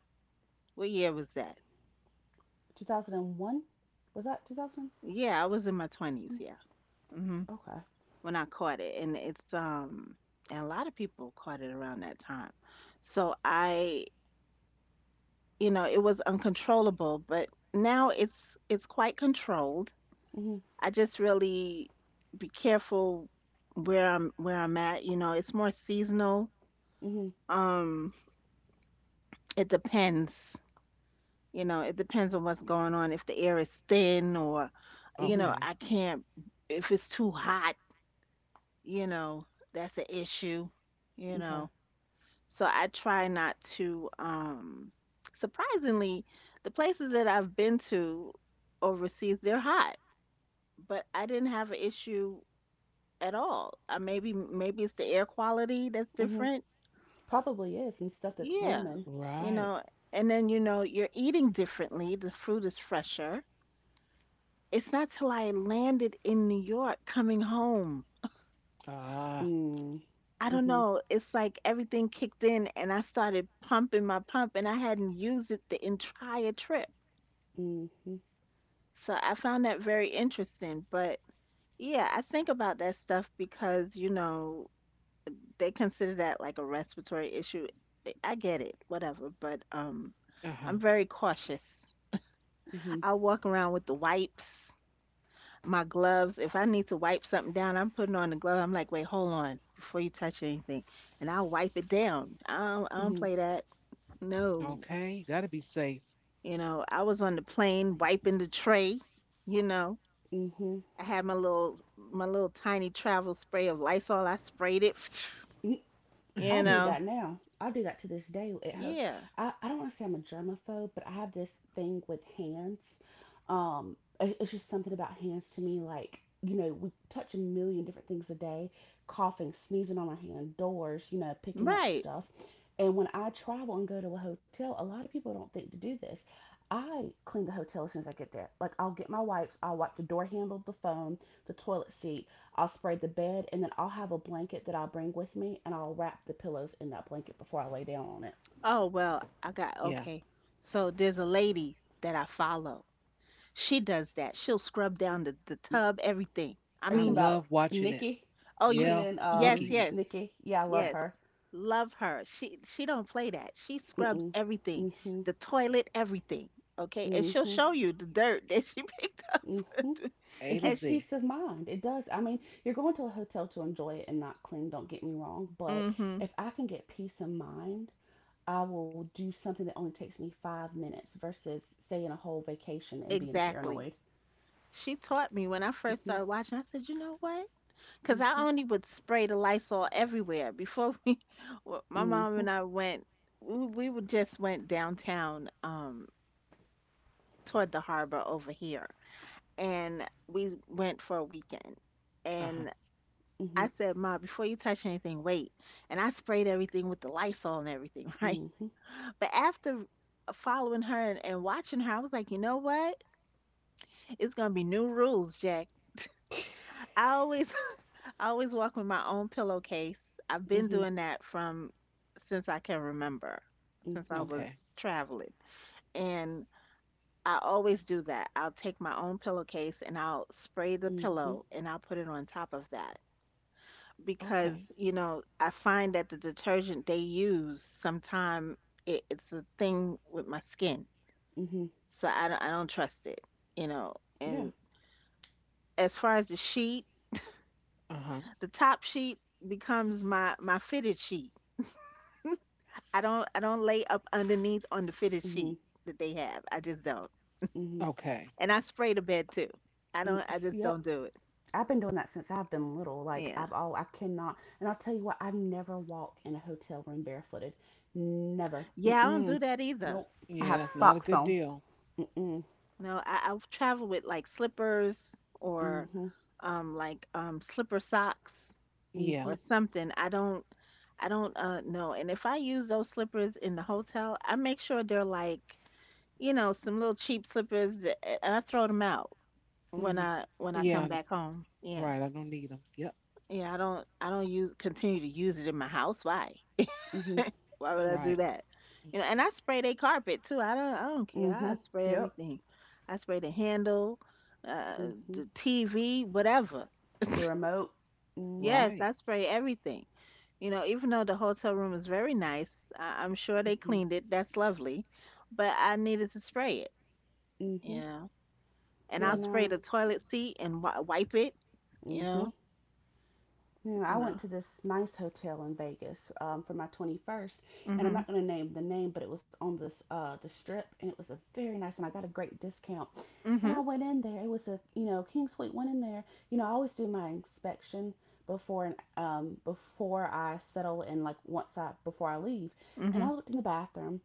Speaker 2: What year was that?
Speaker 3: 2001? Was that 2001?
Speaker 2: Yeah, I was in my 20s, yeah. Hmm.
Speaker 3: Okay.
Speaker 2: When I caught it, and a lot of people caught it around that time. So it was uncontrollable, but now it's quite controlled.
Speaker 3: Mhm.
Speaker 2: I just really be careful where I'm at. It's more seasonal.
Speaker 3: Mhm.
Speaker 2: Um it depends. It depends on what's going on. If the air is thin or, you
Speaker 3: Mhm.
Speaker 2: know,
Speaker 1: Okay.
Speaker 2: I can't, if it's too hot, you know, that's an issue, you
Speaker 3: Okay.
Speaker 2: know. So I try not to, surprisingly, the places that I've been to overseas, they're hot, but I didn't have an issue at all. Maybe, it's the air quality that's
Speaker 3: Mhm.
Speaker 2: different.
Speaker 3: Probably is, and stuff that's
Speaker 2: Yeah.
Speaker 3: blooming.
Speaker 2: You
Speaker 1: Right.
Speaker 2: know, and then, you're eating differently. The fruit is fresher. It's not till I landed in New York coming home.
Speaker 1: Ah.
Speaker 3: Mm.
Speaker 2: I don't
Speaker 3: Mhm.
Speaker 2: know. It's like everything kicked in and I started pumping my pump and I hadn't used it the entire trip.
Speaker 3: Mhm.
Speaker 2: So I found that very interesting. But yeah, I think about that stuff because they consider that like a respiratory issue. I get it, whatever. But
Speaker 1: Uh-huh.
Speaker 2: I'm very cautious.
Speaker 3: Mhm.
Speaker 2: I'll walk around with the wipes, my gloves. If I need to wipe something down, I'm putting on the glove. I'm like, wait, hold on before you touch anything, and I'll wipe it down. I don't
Speaker 3: Mhm.
Speaker 2: play that. No,
Speaker 1: Okay. You gotta be safe.
Speaker 2: you know, I was on the plane wiping the tray. You know,
Speaker 3: Mhm.
Speaker 2: I had my little tiny travel spray of Lysol. I sprayed it. *laughs*
Speaker 3: *laughs*
Speaker 2: *sniffs* You
Speaker 3: I do
Speaker 1: *laughs*
Speaker 2: know,
Speaker 3: that now. I do that to this day. It
Speaker 2: yeah,
Speaker 3: I, I don't want to say I'm a germaphobe, but I have this thing with hands. It's just something about hands to me. Like, you know, we touch a million different things a day, coughing, sneezing on our hand, doors, you know, picking up
Speaker 2: right.
Speaker 3: stuff. And when I travel and go to a hotel, a lot of people don't think to do this. I clean the hotel as soon as I get there. Like, I'll get my wipes, I'll wipe the door handle, the phone, the toilet seat. I'll spray the bed, and then I'll have a blanket that I'll bring with me, and I'll wrap the pillows in that blanket before I lay down on it.
Speaker 2: Oh well, I got
Speaker 1: Yeah.
Speaker 2: okay. So there's a lady that I follow. She does that. She'll scrub down the tub, everything. I
Speaker 3: Are you
Speaker 1: I
Speaker 3: talking
Speaker 2: mean,
Speaker 3: about
Speaker 1: love watching it.
Speaker 3: Nikki?
Speaker 2: Oh, you
Speaker 1: Yeah,
Speaker 3: Cleaning
Speaker 2: yes,
Speaker 1: Nikki.
Speaker 2: yes.
Speaker 3: Nikki. Yeah, I love
Speaker 1: I
Speaker 2: Yes.
Speaker 3: her.
Speaker 2: Love her. She don't play that. She scrubs
Speaker 3: Mm-mm.
Speaker 2: everything.
Speaker 3: Mm-hmm.
Speaker 2: The toilet, everything. Okay? And she'll
Speaker 3: Mm-hmm.
Speaker 2: show you the dirt that she *laughs* picked up. *laughs*
Speaker 3: Mm-hmm.
Speaker 1: A
Speaker 3: It
Speaker 1: to
Speaker 3: gives
Speaker 2: And she,
Speaker 1: Z.
Speaker 3: peace of mind. It does. You're going to a hotel to enjoy it and not clean, don't get me wrong. But
Speaker 2: mhm.
Speaker 3: if I can get peace of mind, I will do something that only takes me 5 minutes versus staying a whole vacation and being
Speaker 2: Exactly.
Speaker 3: paranoid.
Speaker 2: She taught me when I first started
Speaker 3: Mm-hmm.
Speaker 2: watching. I said, "You know what? Cuz I
Speaker 3: Mm-hmm.
Speaker 2: only would spray the Lysol everywhere before *laughs* my mom
Speaker 3: Mm-hmm.
Speaker 2: and I went we would just went downtown toward the harbor over here, and we went for a weekend.
Speaker 1: Uh-huh.
Speaker 2: And
Speaker 3: Mm-hmm.
Speaker 2: I said, "Ma, before you touch anything, wait." And I sprayed everything with the Lysol and everything, *laughs* right?
Speaker 3: Mhm.
Speaker 2: But after following her and watching her, I was like, you know what? It's gonna be new rules, Jack. I always *laughs* I always walk with my own pillowcase. I've been
Speaker 3: Mhm.
Speaker 2: doing that from since I can remember, since I
Speaker 3: Mhm.
Speaker 1: Okay.
Speaker 2: was traveling. And I always do that. I'll take my own pillowcase and I'll spray the
Speaker 3: Mhm.
Speaker 2: pillow and I'll put it on top of that because
Speaker 1: Okay.
Speaker 2: you know I find that the detergent they use sometimes it's a thing with my skin,
Speaker 3: Mhm.
Speaker 2: so I don't trust it, you know.
Speaker 3: Yeah.
Speaker 2: And as far as the sheet,
Speaker 1: Uh-huh.
Speaker 2: the top sheet becomes my fitted sheet. I don't lay up underneath on the fitted
Speaker 3: Mhm.
Speaker 2: sheet that they have. I just don't.
Speaker 3: Mhm.
Speaker 1: Okay.
Speaker 2: And I spray the bed too. I don't I just
Speaker 3: Yep.
Speaker 2: don't do it.
Speaker 3: I've been doing that since I've been little. Like
Speaker 2: Yeah.
Speaker 3: I've all I cannot, and I'll tell you what, I never walk in a hotel room barefooted. Never.
Speaker 2: Yeah, I don't
Speaker 3: Mm-mm.
Speaker 2: do that either.
Speaker 3: Nope. I have
Speaker 1: Yeah, it's not a
Speaker 3: socks
Speaker 1: good
Speaker 3: on.
Speaker 1: deal.
Speaker 3: Mm-mm.
Speaker 2: No, I'll travel with like slippers or
Speaker 3: Mhm.
Speaker 2: like slipper socks
Speaker 1: Yeah.
Speaker 2: or
Speaker 3: Mhm.
Speaker 2: something. I don't know. And if I use those slippers in the hotel, I make sure they're like, you know, some little cheap slippers that, eh, and I throw them out when
Speaker 3: Mhm.
Speaker 2: I
Speaker 1: Yeah.
Speaker 2: come
Speaker 1: I know.
Speaker 2: back home. Yeah.
Speaker 1: Right. I don't need them. Yep.
Speaker 2: Yeah, I don't use continue to use it in my house. Why?
Speaker 3: Mhm.
Speaker 2: *laughs* Why would I
Speaker 1: Right.
Speaker 2: do that? You know, and
Speaker 1: Mhm.
Speaker 2: I spray their carpet too. I don't care. I
Speaker 3: Mhm.
Speaker 2: spray
Speaker 3: Yep.
Speaker 2: everything. I spray the handle, uh,
Speaker 3: Mhm.
Speaker 2: the TV, whatever.
Speaker 3: The remote. Mhm.
Speaker 2: Yes, I
Speaker 1: Right.
Speaker 2: spray everything. You know, even though the hotel room is very nice, I'm sure they
Speaker 3: Mhm.
Speaker 2: cleaned it. That's lovely, but I needed to spray it. You
Speaker 3: Mhm.
Speaker 2: know, and
Speaker 3: Yeah.
Speaker 2: I'll
Speaker 1: True.
Speaker 2: spray
Speaker 3: No.
Speaker 2: the toilet seat and wi wipe it. You
Speaker 3: Mhm.
Speaker 2: know,
Speaker 3: You know,
Speaker 2: you
Speaker 3: I went
Speaker 2: know.
Speaker 3: to this nice hotel in Vegas, for my 21st, and I'm not
Speaker 2: Mhm.
Speaker 3: going to name the name, but it was on this the strip, and it was a very nice one. I got a great discount, and
Speaker 2: Mhm.
Speaker 3: I went in there. It was, a you know, king suite. Went in there. You know, I always do my inspection before and before I settle, and like once I before I leave, and I
Speaker 2: Mhm.
Speaker 3: looked in the bathroom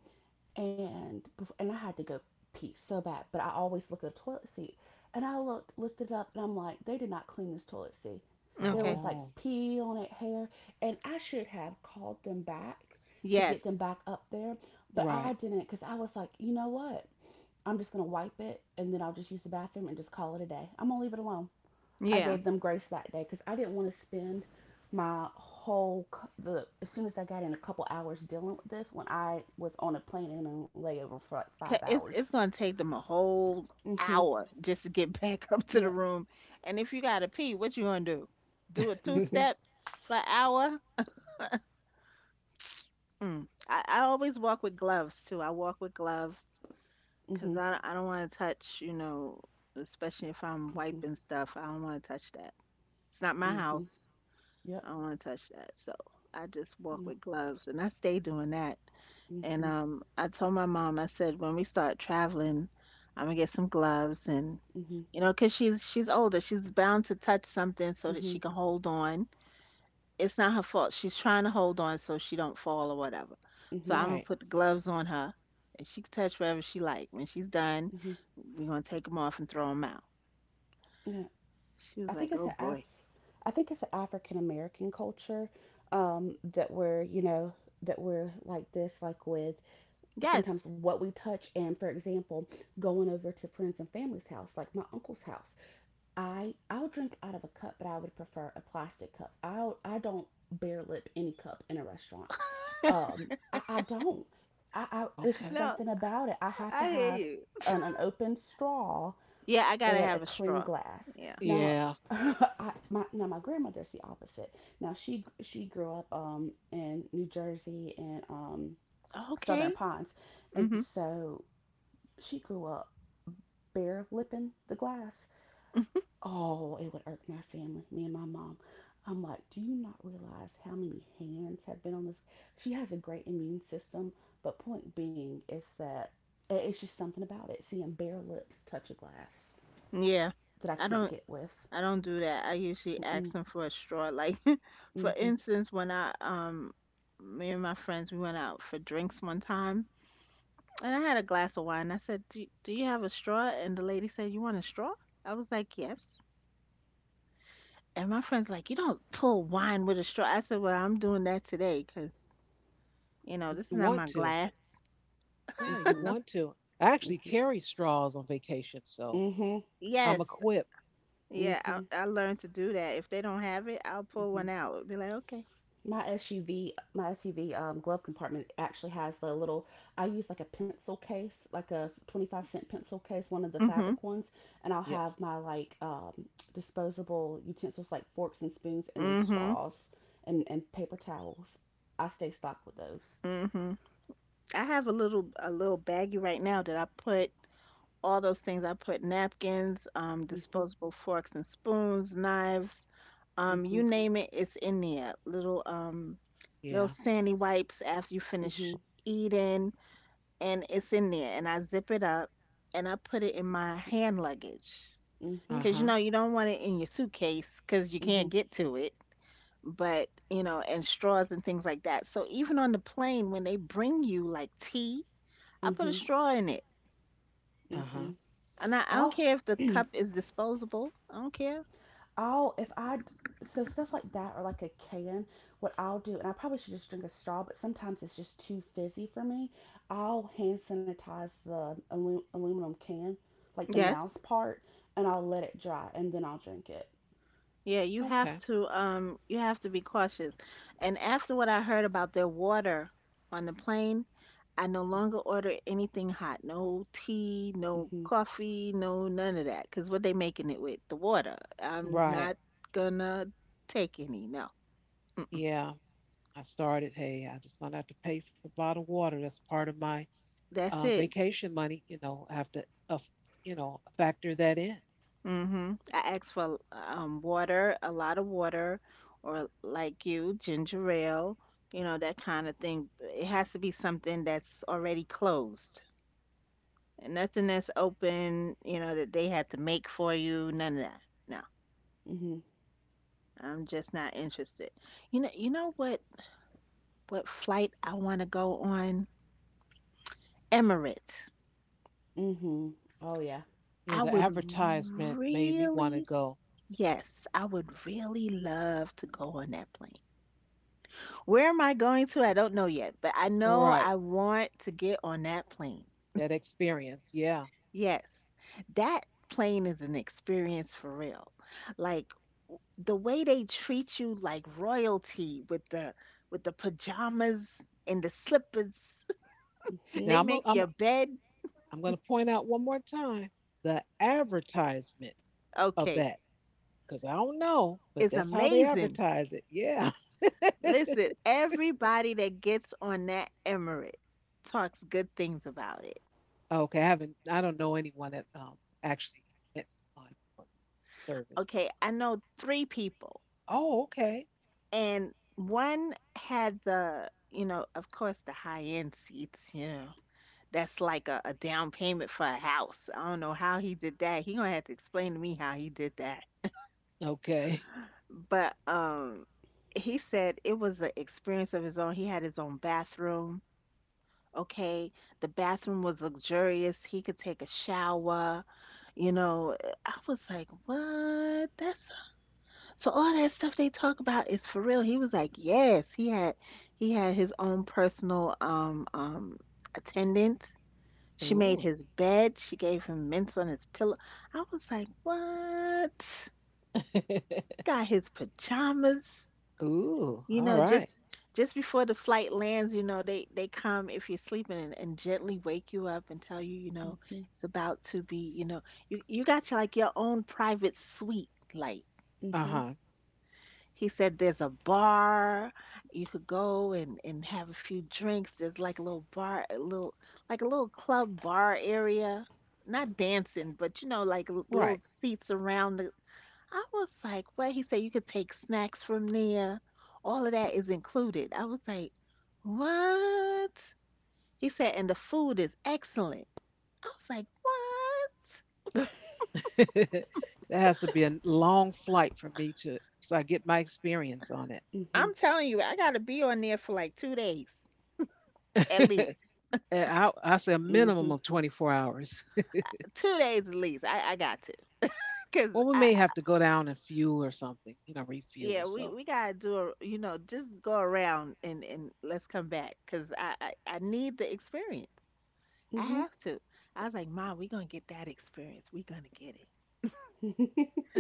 Speaker 3: and I had to go pee so bad, but I always look at the toilet seat, and I looked it up, and I'm like, they did not clean this toilet seat. There was
Speaker 2: Okay.
Speaker 3: like
Speaker 1: Oh.
Speaker 3: pee on it, hair, and I should have called them back to get them
Speaker 2: Yes.
Speaker 3: back up there, but I
Speaker 1: Right.
Speaker 3: didn't, because I was like, you know what? I'm just gonna wipe it, and then I'll just use the bathroom and just call it a day. I'm gonna leave it alone. I
Speaker 2: Yeah.
Speaker 3: gave them grace that day, because I didn't want to spend my whole the As soon as I got in, a couple hours dealing with this when I was on a plane and a layover for like five
Speaker 2: It's
Speaker 3: hours.
Speaker 2: gonna take them a whole
Speaker 3: Mhm.
Speaker 2: hour just to get back *laughs* up to the
Speaker 3: Yep.
Speaker 2: room. And if you gotta pee, what you gonna do? Do a two
Speaker 3: Mhm.
Speaker 2: step
Speaker 1: *laughs*
Speaker 2: for an hour? Mm. I always walk with gloves too. I walk with gloves
Speaker 3: Mhm.
Speaker 2: because I don't want to touch. You know, especially if I'm
Speaker 3: Mhm.
Speaker 2: wiping stuff, I don't want to touch that. It's not my
Speaker 3: Mhm.
Speaker 2: house.
Speaker 3: Yep.
Speaker 2: I don't want to touch that. So I just walk
Speaker 3: Yep.
Speaker 2: with gloves, and I stay doing that. And
Speaker 3: Mhm.
Speaker 2: I told my mom, I said, when we start traveling, I'm gonna get some gloves and
Speaker 3: Mhm.
Speaker 2: you know, 'cause she's older, she's bound to touch something so that
Speaker 3: Mhm.
Speaker 2: she can hold on. It's not her fault. She's trying to hold on so she don't fall or whatever. So
Speaker 3: Mhm.
Speaker 2: I'm gonna
Speaker 1: Right.
Speaker 2: put the gloves on her, and she can touch whatever she like. When she's done,
Speaker 3: Mhm.
Speaker 2: we're gonna take them off and throw them out.
Speaker 3: Yeah.
Speaker 2: She
Speaker 3: I
Speaker 2: was
Speaker 3: think
Speaker 2: like,
Speaker 3: it's
Speaker 2: "Oh
Speaker 3: an
Speaker 2: boy,"
Speaker 3: Af- I think it's an African American culture, that we're, you know, that we're like this, like with
Speaker 2: yes,
Speaker 3: sometimes what we touch. And for example, going over to friends' and family's house, like my uncle's house, I'll drink out of a cup, but I would prefer a plastic cup. I don't bare lip any cup in a restaurant.
Speaker 2: *laughs*
Speaker 3: I don't, I it's just
Speaker 1: Okay.
Speaker 2: no,
Speaker 3: something about it. I have to
Speaker 2: I hear
Speaker 3: have
Speaker 2: you. *laughs*
Speaker 3: an open straw
Speaker 2: Yeah, I gotta
Speaker 3: and a
Speaker 2: have a
Speaker 3: clean
Speaker 2: straw.
Speaker 3: glass
Speaker 2: Yeah,
Speaker 3: now.
Speaker 1: Yeah.
Speaker 3: *laughs* My now, my grandmother's the opposite. Now, she grew up in New Jersey and Southern
Speaker 2: okay.
Speaker 3: Pines, and
Speaker 2: Mhm.
Speaker 3: so she grew up bare lipping the glass. Oh, it would irk my family, me and my mom. I'm like, do you not realize how many hands have been on this? She has a great immune system, but point being is that it's just something about it. Seeing bare lips touch a glass
Speaker 2: Yeah,
Speaker 3: that I
Speaker 2: I
Speaker 3: can't
Speaker 2: don't.
Speaker 3: get with.
Speaker 2: I don't do that. I usually ask
Speaker 3: Mm-mm,
Speaker 2: them for a straw. Like, *laughs* for
Speaker 3: mm-hmm,
Speaker 2: instance, when me and my friends, we went out for drinks one time, and I had a glass of wine. I said, "Do you have a straw?" And the lady said, "You want a straw?" I was like, "Yes." And my friend's like, "You don't pull wine with a straw." I said, "Well, I'm doing that today, 'cause you know this
Speaker 1: You
Speaker 2: is not
Speaker 1: want
Speaker 2: my
Speaker 1: to.
Speaker 2: glass."
Speaker 1: Yeah, you
Speaker 3: mm-hmm,
Speaker 1: want to. I actually
Speaker 3: mm-hmm,
Speaker 1: carry straws on vacation, so
Speaker 3: mm-hmm,
Speaker 1: I'm
Speaker 2: Yes,
Speaker 1: equipped.
Speaker 2: yeah,
Speaker 3: mm-hmm,
Speaker 2: I learned to do that. If they don't have it, I'll pull
Speaker 3: mm-hmm.
Speaker 2: one out. Be like, "Okay."
Speaker 3: My SUV, glove compartment actually has a little. I use like a pencil case, like a 25-cent pencil case, one of the
Speaker 2: Mhm.
Speaker 3: fabric ones, and I'll have
Speaker 1: Yes.
Speaker 3: my like, disposable utensils, like forks and spoons, and then
Speaker 2: Mhm.
Speaker 3: straws and paper towels. I stay stocked with those.
Speaker 2: Mhm. I have a little baggie right now that I put all those things. I put napkins,
Speaker 3: Mhm,
Speaker 2: disposable forks and spoons, knives, you
Speaker 3: mhm,
Speaker 2: name it, it's in there. Little little
Speaker 1: Yeah.
Speaker 2: sandy wipes after you finish
Speaker 3: mhm,
Speaker 2: eating, and it's in there. And I zip it up, and I put it in my hand luggage,
Speaker 3: mhm,
Speaker 2: cause you know
Speaker 1: Uh-huh.
Speaker 2: you don't want it in your suitcase, cause you can't
Speaker 3: mhm,
Speaker 2: get to it. But you know, and straws and things like that. So even on the plane, when they bring you like tea, I put
Speaker 3: mhm,
Speaker 2: a straw in it.
Speaker 3: mhm.
Speaker 1: Uh-huh.
Speaker 2: And I don't
Speaker 3: I'll
Speaker 2: care if the cup
Speaker 3: *clears throat*
Speaker 2: is disposable. I don't care.
Speaker 3: I'll if I So stuff like that, or like a can, what I'll do, and I probably should just drink a straw, but sometimes it's just too fizzy for me. I'll hand sanitize the aluminum can, like the
Speaker 2: Yes.
Speaker 3: mouth part, and I'll let it dry, and then I'll drink it.
Speaker 2: Yeah,
Speaker 1: Okay.
Speaker 2: you have to be cautious. And after what I heard about their water on the plane, I no longer order anything hot. No tea, no
Speaker 3: Mhm.
Speaker 2: coffee, no none of that. 'Cause what they making it with? The water. I'm
Speaker 1: Right.
Speaker 2: not gonna take any. No. Mm-mm.
Speaker 1: Yeah. I started, hey, I just found out to pay for bottled water. That's part of my
Speaker 2: That's it.
Speaker 1: vacation money. You know, I have to, uh, you know, factor that in.
Speaker 2: Mm-hmm. I asked for water, a lot of water, or like you, ginger ale, you know, that kind of thing. It has to be something that's already closed. And nothing that's open, you know, that they had to make for you, none of that. No,
Speaker 3: Mhm.
Speaker 2: I'm just not interested. You know what flight I want to go on? Emirates.
Speaker 3: Mhm. Oh yeah.
Speaker 1: Yeah,
Speaker 2: I
Speaker 1: the
Speaker 2: would
Speaker 1: advertisement made me want to
Speaker 2: really,
Speaker 1: go.
Speaker 2: yes, I would really love to go on that plane. Where am I going to? I don't know yet, but I know
Speaker 1: Right.
Speaker 2: I want to get on that plane.
Speaker 1: That experience. Yeah.
Speaker 2: Yes, that plane is an experience for real. Like the way they treat you like royalty with the pajamas and the slippers. *laughs*
Speaker 1: Now
Speaker 3: Mhm.
Speaker 2: They
Speaker 1: I'm a,
Speaker 2: make
Speaker 1: I'm
Speaker 2: your bed.
Speaker 1: I'm going to point out one more time the advertisement of
Speaker 2: Okay,
Speaker 1: that. 'Cause I don't know, but
Speaker 2: it's
Speaker 1: that's how they
Speaker 2: amazing.
Speaker 1: advertise it. Yeah. *laughs*
Speaker 2: Listen, everybody that gets on that emirate talks good things about it.
Speaker 1: Okay, I don't know anyone that, actually went on for service.
Speaker 2: Okay, I know three people,
Speaker 1: Oh, okay.
Speaker 2: and one had the you know of course the high end seats, you know, that's like a down payment for a house. I don't know how he did that. He gonna have to explain to me how he did that.
Speaker 1: Okay.
Speaker 2: But um, he said it was an experience of his own. He had his own bathroom. Okay, the bathroom was luxurious. He could take a shower, you know. I was like, what, that's so all that stuff they talk about is for real. He was like, yes, he had his own personal attendant. She
Speaker 1: Ooh.
Speaker 2: made his bed. She gave him mints on his pillow. I was like, what?
Speaker 1: *laughs*
Speaker 2: Got his pajamas.
Speaker 1: Ooh,
Speaker 2: You know,
Speaker 1: alright.
Speaker 2: just before the flight lands, you know, they come if you're sleeping and gently wake you up and tell you, you know,
Speaker 3: Mhm.
Speaker 2: it's about to be, you know, you got your like your own private suite, like.
Speaker 3: Mhm.
Speaker 1: Uh-huh.
Speaker 2: He said there's a bar you could go and have a few drinks. There's like a little bar, a little like a little club bar area. Not dancing, but you know, like
Speaker 1: Right.
Speaker 2: little
Speaker 1: *laughs*
Speaker 2: seats around the. I was like, what? He said you could take snacks from there. All of that is included. I was like, what? He said, and the food is excellent. I was like, what?
Speaker 1: That has to be a long flight for me to so I get my experience on it.
Speaker 3: Mhm.
Speaker 2: I'm telling you, I gotta be on there for like 2 days at
Speaker 1: *laughs*
Speaker 2: least.
Speaker 1: And I say a
Speaker 3: Mhm.
Speaker 1: minimum of 24 hours.
Speaker 2: 2 days at least. I got to. Cause
Speaker 1: Well, we may have to go down and fuel or something, you know, refuel,
Speaker 2: yeah,
Speaker 1: so.
Speaker 2: we gotta do a, you know, just go around and let's come back. Cause I need the experience. I
Speaker 3: Mhm.
Speaker 2: have to. I was like, Ma, we gonna get that experience. We gonna get it.
Speaker 3: *laughs*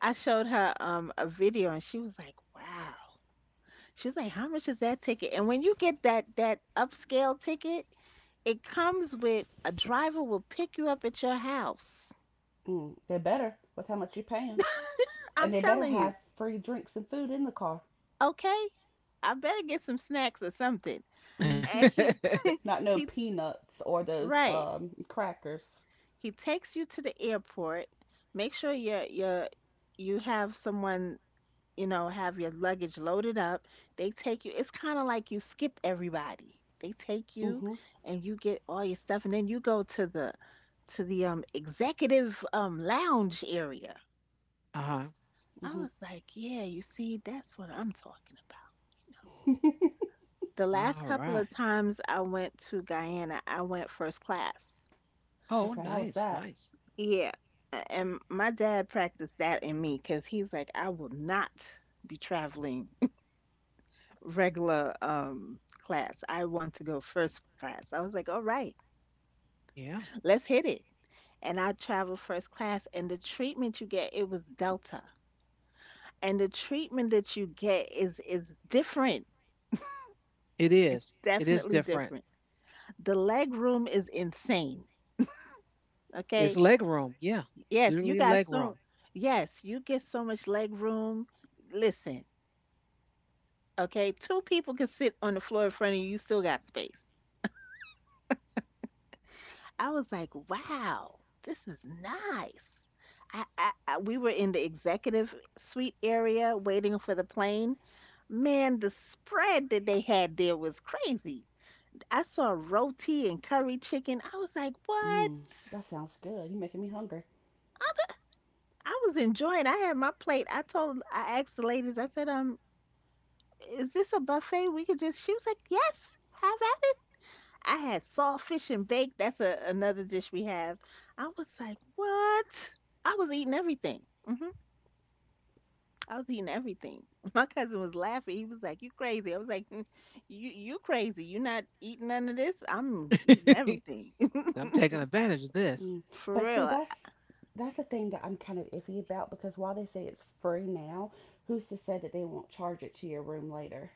Speaker 2: I showed her a video and she was like, wow. She was like, how much is that ticket? And when you get that upscale ticket, it comes with a driver will pick you up at your house.
Speaker 3: Mm. They better, with how much you're paying,
Speaker 2: I'm
Speaker 3: and they better
Speaker 2: telling you,
Speaker 3: have free drinks and food in the car.
Speaker 2: okay? I better get some snacks or something.
Speaker 3: Mhm.
Speaker 2: And he *laughs*
Speaker 1: *laughs*
Speaker 3: Not no
Speaker 2: he
Speaker 3: peanuts or those,
Speaker 2: right.
Speaker 3: crackers.
Speaker 2: He takes you to the airport. Make sure you you have someone, you know, have your luggage loaded up. They take you. It's kind of like you skip everybody. They take you
Speaker 3: Mm-hmm.
Speaker 2: and you get all your stuff and then you go to the executive lounge area.
Speaker 1: Uh-huh.
Speaker 2: I
Speaker 3: Mm-hmm.
Speaker 2: was like, yeah, you see, that's what I'm talking about. The last
Speaker 1: All
Speaker 2: couple
Speaker 1: right.
Speaker 2: of times I went to Guyana, I went first class.
Speaker 3: *laughs*
Speaker 1: Oh,
Speaker 3: Okay, how was
Speaker 1: nice,
Speaker 3: that?
Speaker 1: nice.
Speaker 2: Yeah. And my dad practiced that in me because he's like, I will not be traveling *laughs* regular class. I want to go first class. I was like, all right,
Speaker 1: Yeah.
Speaker 2: let's hit it. And I traveled first class and the treatment you get, it was Delta. And the treatment that you get is different.
Speaker 1: It
Speaker 2: It's
Speaker 1: is. It is
Speaker 2: definitely
Speaker 1: different.
Speaker 2: different. The leg room is insane.
Speaker 1: It's
Speaker 2: Okay.
Speaker 1: leg room. Yeah.
Speaker 2: Yes, you
Speaker 1: Literally
Speaker 2: got
Speaker 1: leg
Speaker 2: so
Speaker 1: room.
Speaker 2: Yes, you get so much leg room. Listen, okay, two people can sit on the floor in front of you, you still got space. I was like, wow, this is nice. I we were in the executive suite area waiting for the plane. Man, the spread that they had there was crazy. I saw roti and curry chicken. I was like, what?
Speaker 3: Mm, that sounds good. You're making me hungry.
Speaker 2: I was enjoying. I had my plate. I told, I asked the ladies. I said, is this a buffet? We could just. She was like, yes, have at. I had saltfish and baked. That's a, another dish we have. I was like, what? I was eating everything. hmm I was eating everything. *laughs* My cousin was laughing. He was like, you crazy. I was like, "Mm, you crazy. You not eating none of this. I'm
Speaker 1: *laughs*
Speaker 2: eating everything." *laughs*
Speaker 1: I'm taking advantage of
Speaker 3: Mm.
Speaker 1: this.
Speaker 2: For
Speaker 3: But see,
Speaker 2: real.
Speaker 3: that's the thing that I'm kind of iffy about, because while they say it's free now, who's to say that they won't charge it to your room later?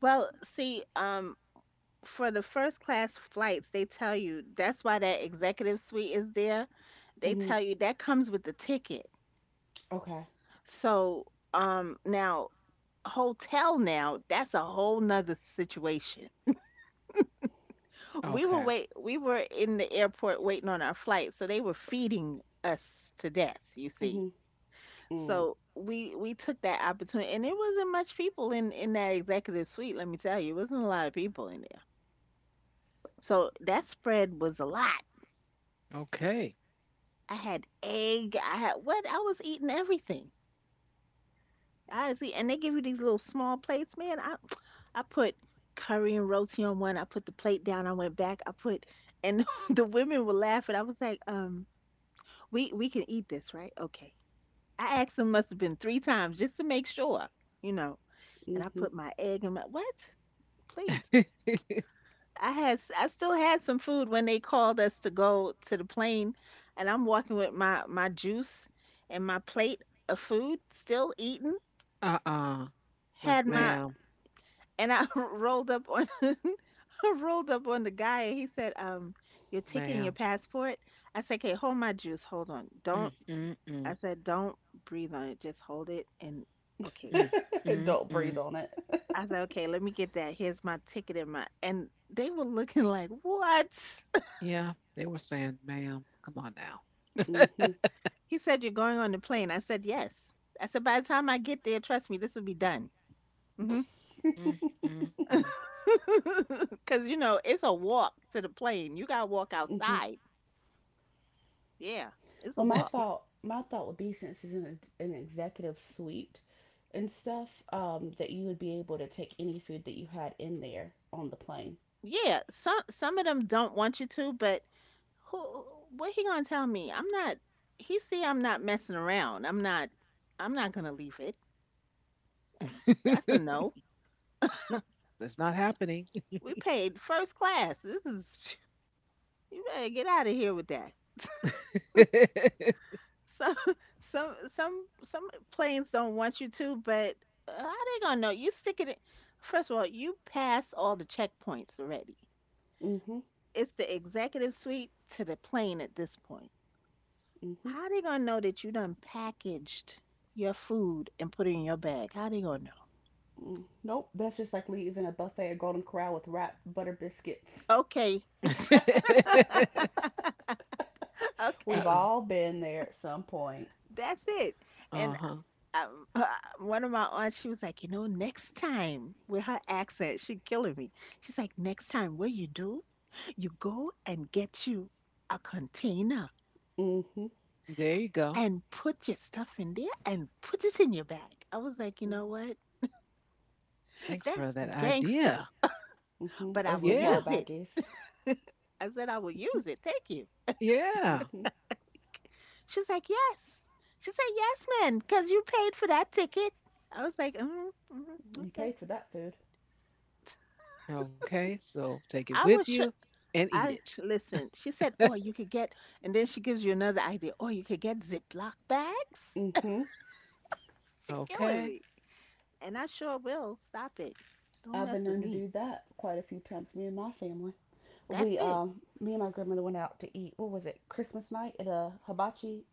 Speaker 2: Well, see, for the first class flights, they tell you that's why that executive suite is there. They
Speaker 3: Mm-hmm.
Speaker 2: tell you that comes with the ticket.
Speaker 3: Okay.
Speaker 2: So, now hotel now, that's a whole nother situation. We were
Speaker 1: Okay.
Speaker 2: wait we were in the airport waiting on our flight, so they were feeding us to death, you see.
Speaker 3: Mm-hmm. Mm.
Speaker 2: So we took that opportunity, and it wasn't much people in that executive suite, let me tell you. It wasn't a lot of people in there. So that spread was a lot.
Speaker 1: Okay.
Speaker 2: I had egg, I had what? I was eating everything. I see, and they give you these little small plates, man. I put curry and roti on one. I put the plate down. I went back. I put, and *laughs* the women were laughing. I was like, we can eat this, right? Okay. I asked them must have been three times just to make sure, you know. And I
Speaker 3: Mm-hmm.
Speaker 2: put my egg in my what? Please.
Speaker 1: *laughs*
Speaker 2: I still had some food when they called us to go to the plane, and I'm walking with my juice and my plate of food, still eating.
Speaker 1: Uh-uh. Like,
Speaker 2: Had
Speaker 3: Mm-hmm.
Speaker 2: my,
Speaker 1: ma'am,
Speaker 2: and I *laughs* rolled up on, *laughs* I rolled up on the guy and he said, your ticket and your
Speaker 1: ma'am.
Speaker 2: passport. I said, okay, hold my juice, hold on.
Speaker 1: Mm,
Speaker 2: Don't.
Speaker 1: mm,
Speaker 2: I
Speaker 1: mm,
Speaker 2: said, don't breathe on it, just hold it and okay.
Speaker 1: mm,
Speaker 3: *laughs*
Speaker 1: mm,
Speaker 3: Don't breathe
Speaker 1: mm.
Speaker 3: on it.
Speaker 2: I said, okay, let me get that. Here's my ticket and my, and they were looking like, what? *laughs*
Speaker 1: Yeah, they were saying, ma'am, come on now.
Speaker 3: Mm-hmm.
Speaker 2: He said, you're going on the plane. I said, yes. I said, by the time I get there, trust me, this will be done. hmm
Speaker 3: *laughs*
Speaker 1: Mm, mm,
Speaker 2: *laughs* Cause you know, it's a walk to the plane. You gotta walk
Speaker 3: Mm-hmm.
Speaker 2: outside. Yeah, it's a
Speaker 3: Well,
Speaker 2: walk.
Speaker 3: my thought would be, since it's an executive suite and stuff, that you would be able to take any food that you had in there on the plane.
Speaker 2: Yeah, some of them don't want you to, but who, what he gonna tell me? I'm not, he see I'm not messing around. I'm not, I'm not gonna leave it. That's a
Speaker 1: mm.
Speaker 2: no.
Speaker 1: *laughs* That's not happening.
Speaker 2: We paid first class. This is *laughs* you better get out of here with that. So *laughs* some planes don't want you to, but how they gonna know? You stick it in, first of all, you pass all the checkpoints already.
Speaker 3: Mm-hmm.
Speaker 2: It's the executive suite to the plane at this point.
Speaker 3: Mm-hmm.
Speaker 2: How they gonna know that you done packaged your food and put it in your bag? How they gonna know?
Speaker 3: Mm. Nope. That's just like leaving a buffet at Golden Corral with wrapped butter biscuits.
Speaker 2: Okay,
Speaker 1: *laughs*
Speaker 2: *laughs*
Speaker 3: We've
Speaker 2: okay,
Speaker 1: Uh-uh.
Speaker 3: all been there at some point.
Speaker 2: that's it. And
Speaker 1: Uh-huh.
Speaker 2: um, *laughs* uh, one of my aunts, she was like, you know, next time, with her accent, she killing me. She's like, next time, what you do? You go and get you a container
Speaker 3: Mm-hmm.
Speaker 1: There you go.
Speaker 2: and put your stuff in there and put it in your bag. I was like, you know
Speaker 3: Mm-hmm.
Speaker 2: what?
Speaker 1: Thanks for
Speaker 2: That's
Speaker 1: that
Speaker 2: gangster,
Speaker 1: idea.
Speaker 3: Mm-hmm.
Speaker 2: but
Speaker 3: Or
Speaker 2: I will
Speaker 1: Yeah.
Speaker 3: Ziploc
Speaker 2: use it.
Speaker 3: baggies.
Speaker 2: I said, I will
Speaker 3: Mm-hmm.
Speaker 2: use it. Thank you.
Speaker 1: Yeah.
Speaker 3: Mm-hmm.
Speaker 2: She's like, yes. She said, yes, man, because you paid for that ticket. I was like, mm mm,
Speaker 3: You
Speaker 2: okay.
Speaker 3: paid for that food.
Speaker 1: Okay. So take it
Speaker 2: I
Speaker 1: with
Speaker 2: was sure.
Speaker 1: you and
Speaker 2: I
Speaker 1: eat
Speaker 2: listen. She said, "Oh, you
Speaker 1: it.
Speaker 2: could get," and then she gives you another idea. "Oh, you could get Ziploc bags."
Speaker 3: Mm-hmm.
Speaker 2: She's
Speaker 1: *laughs*
Speaker 2: killing
Speaker 1: Okay.
Speaker 2: me, and I sure will. Stop it! Don't
Speaker 3: I've been
Speaker 2: mess with
Speaker 3: known to
Speaker 2: me.
Speaker 3: do that quite a few times, me and my family.
Speaker 2: That's
Speaker 3: We
Speaker 2: it.
Speaker 3: Me and my grandmother went out to eat, what was it, Christmas night, at a hibachi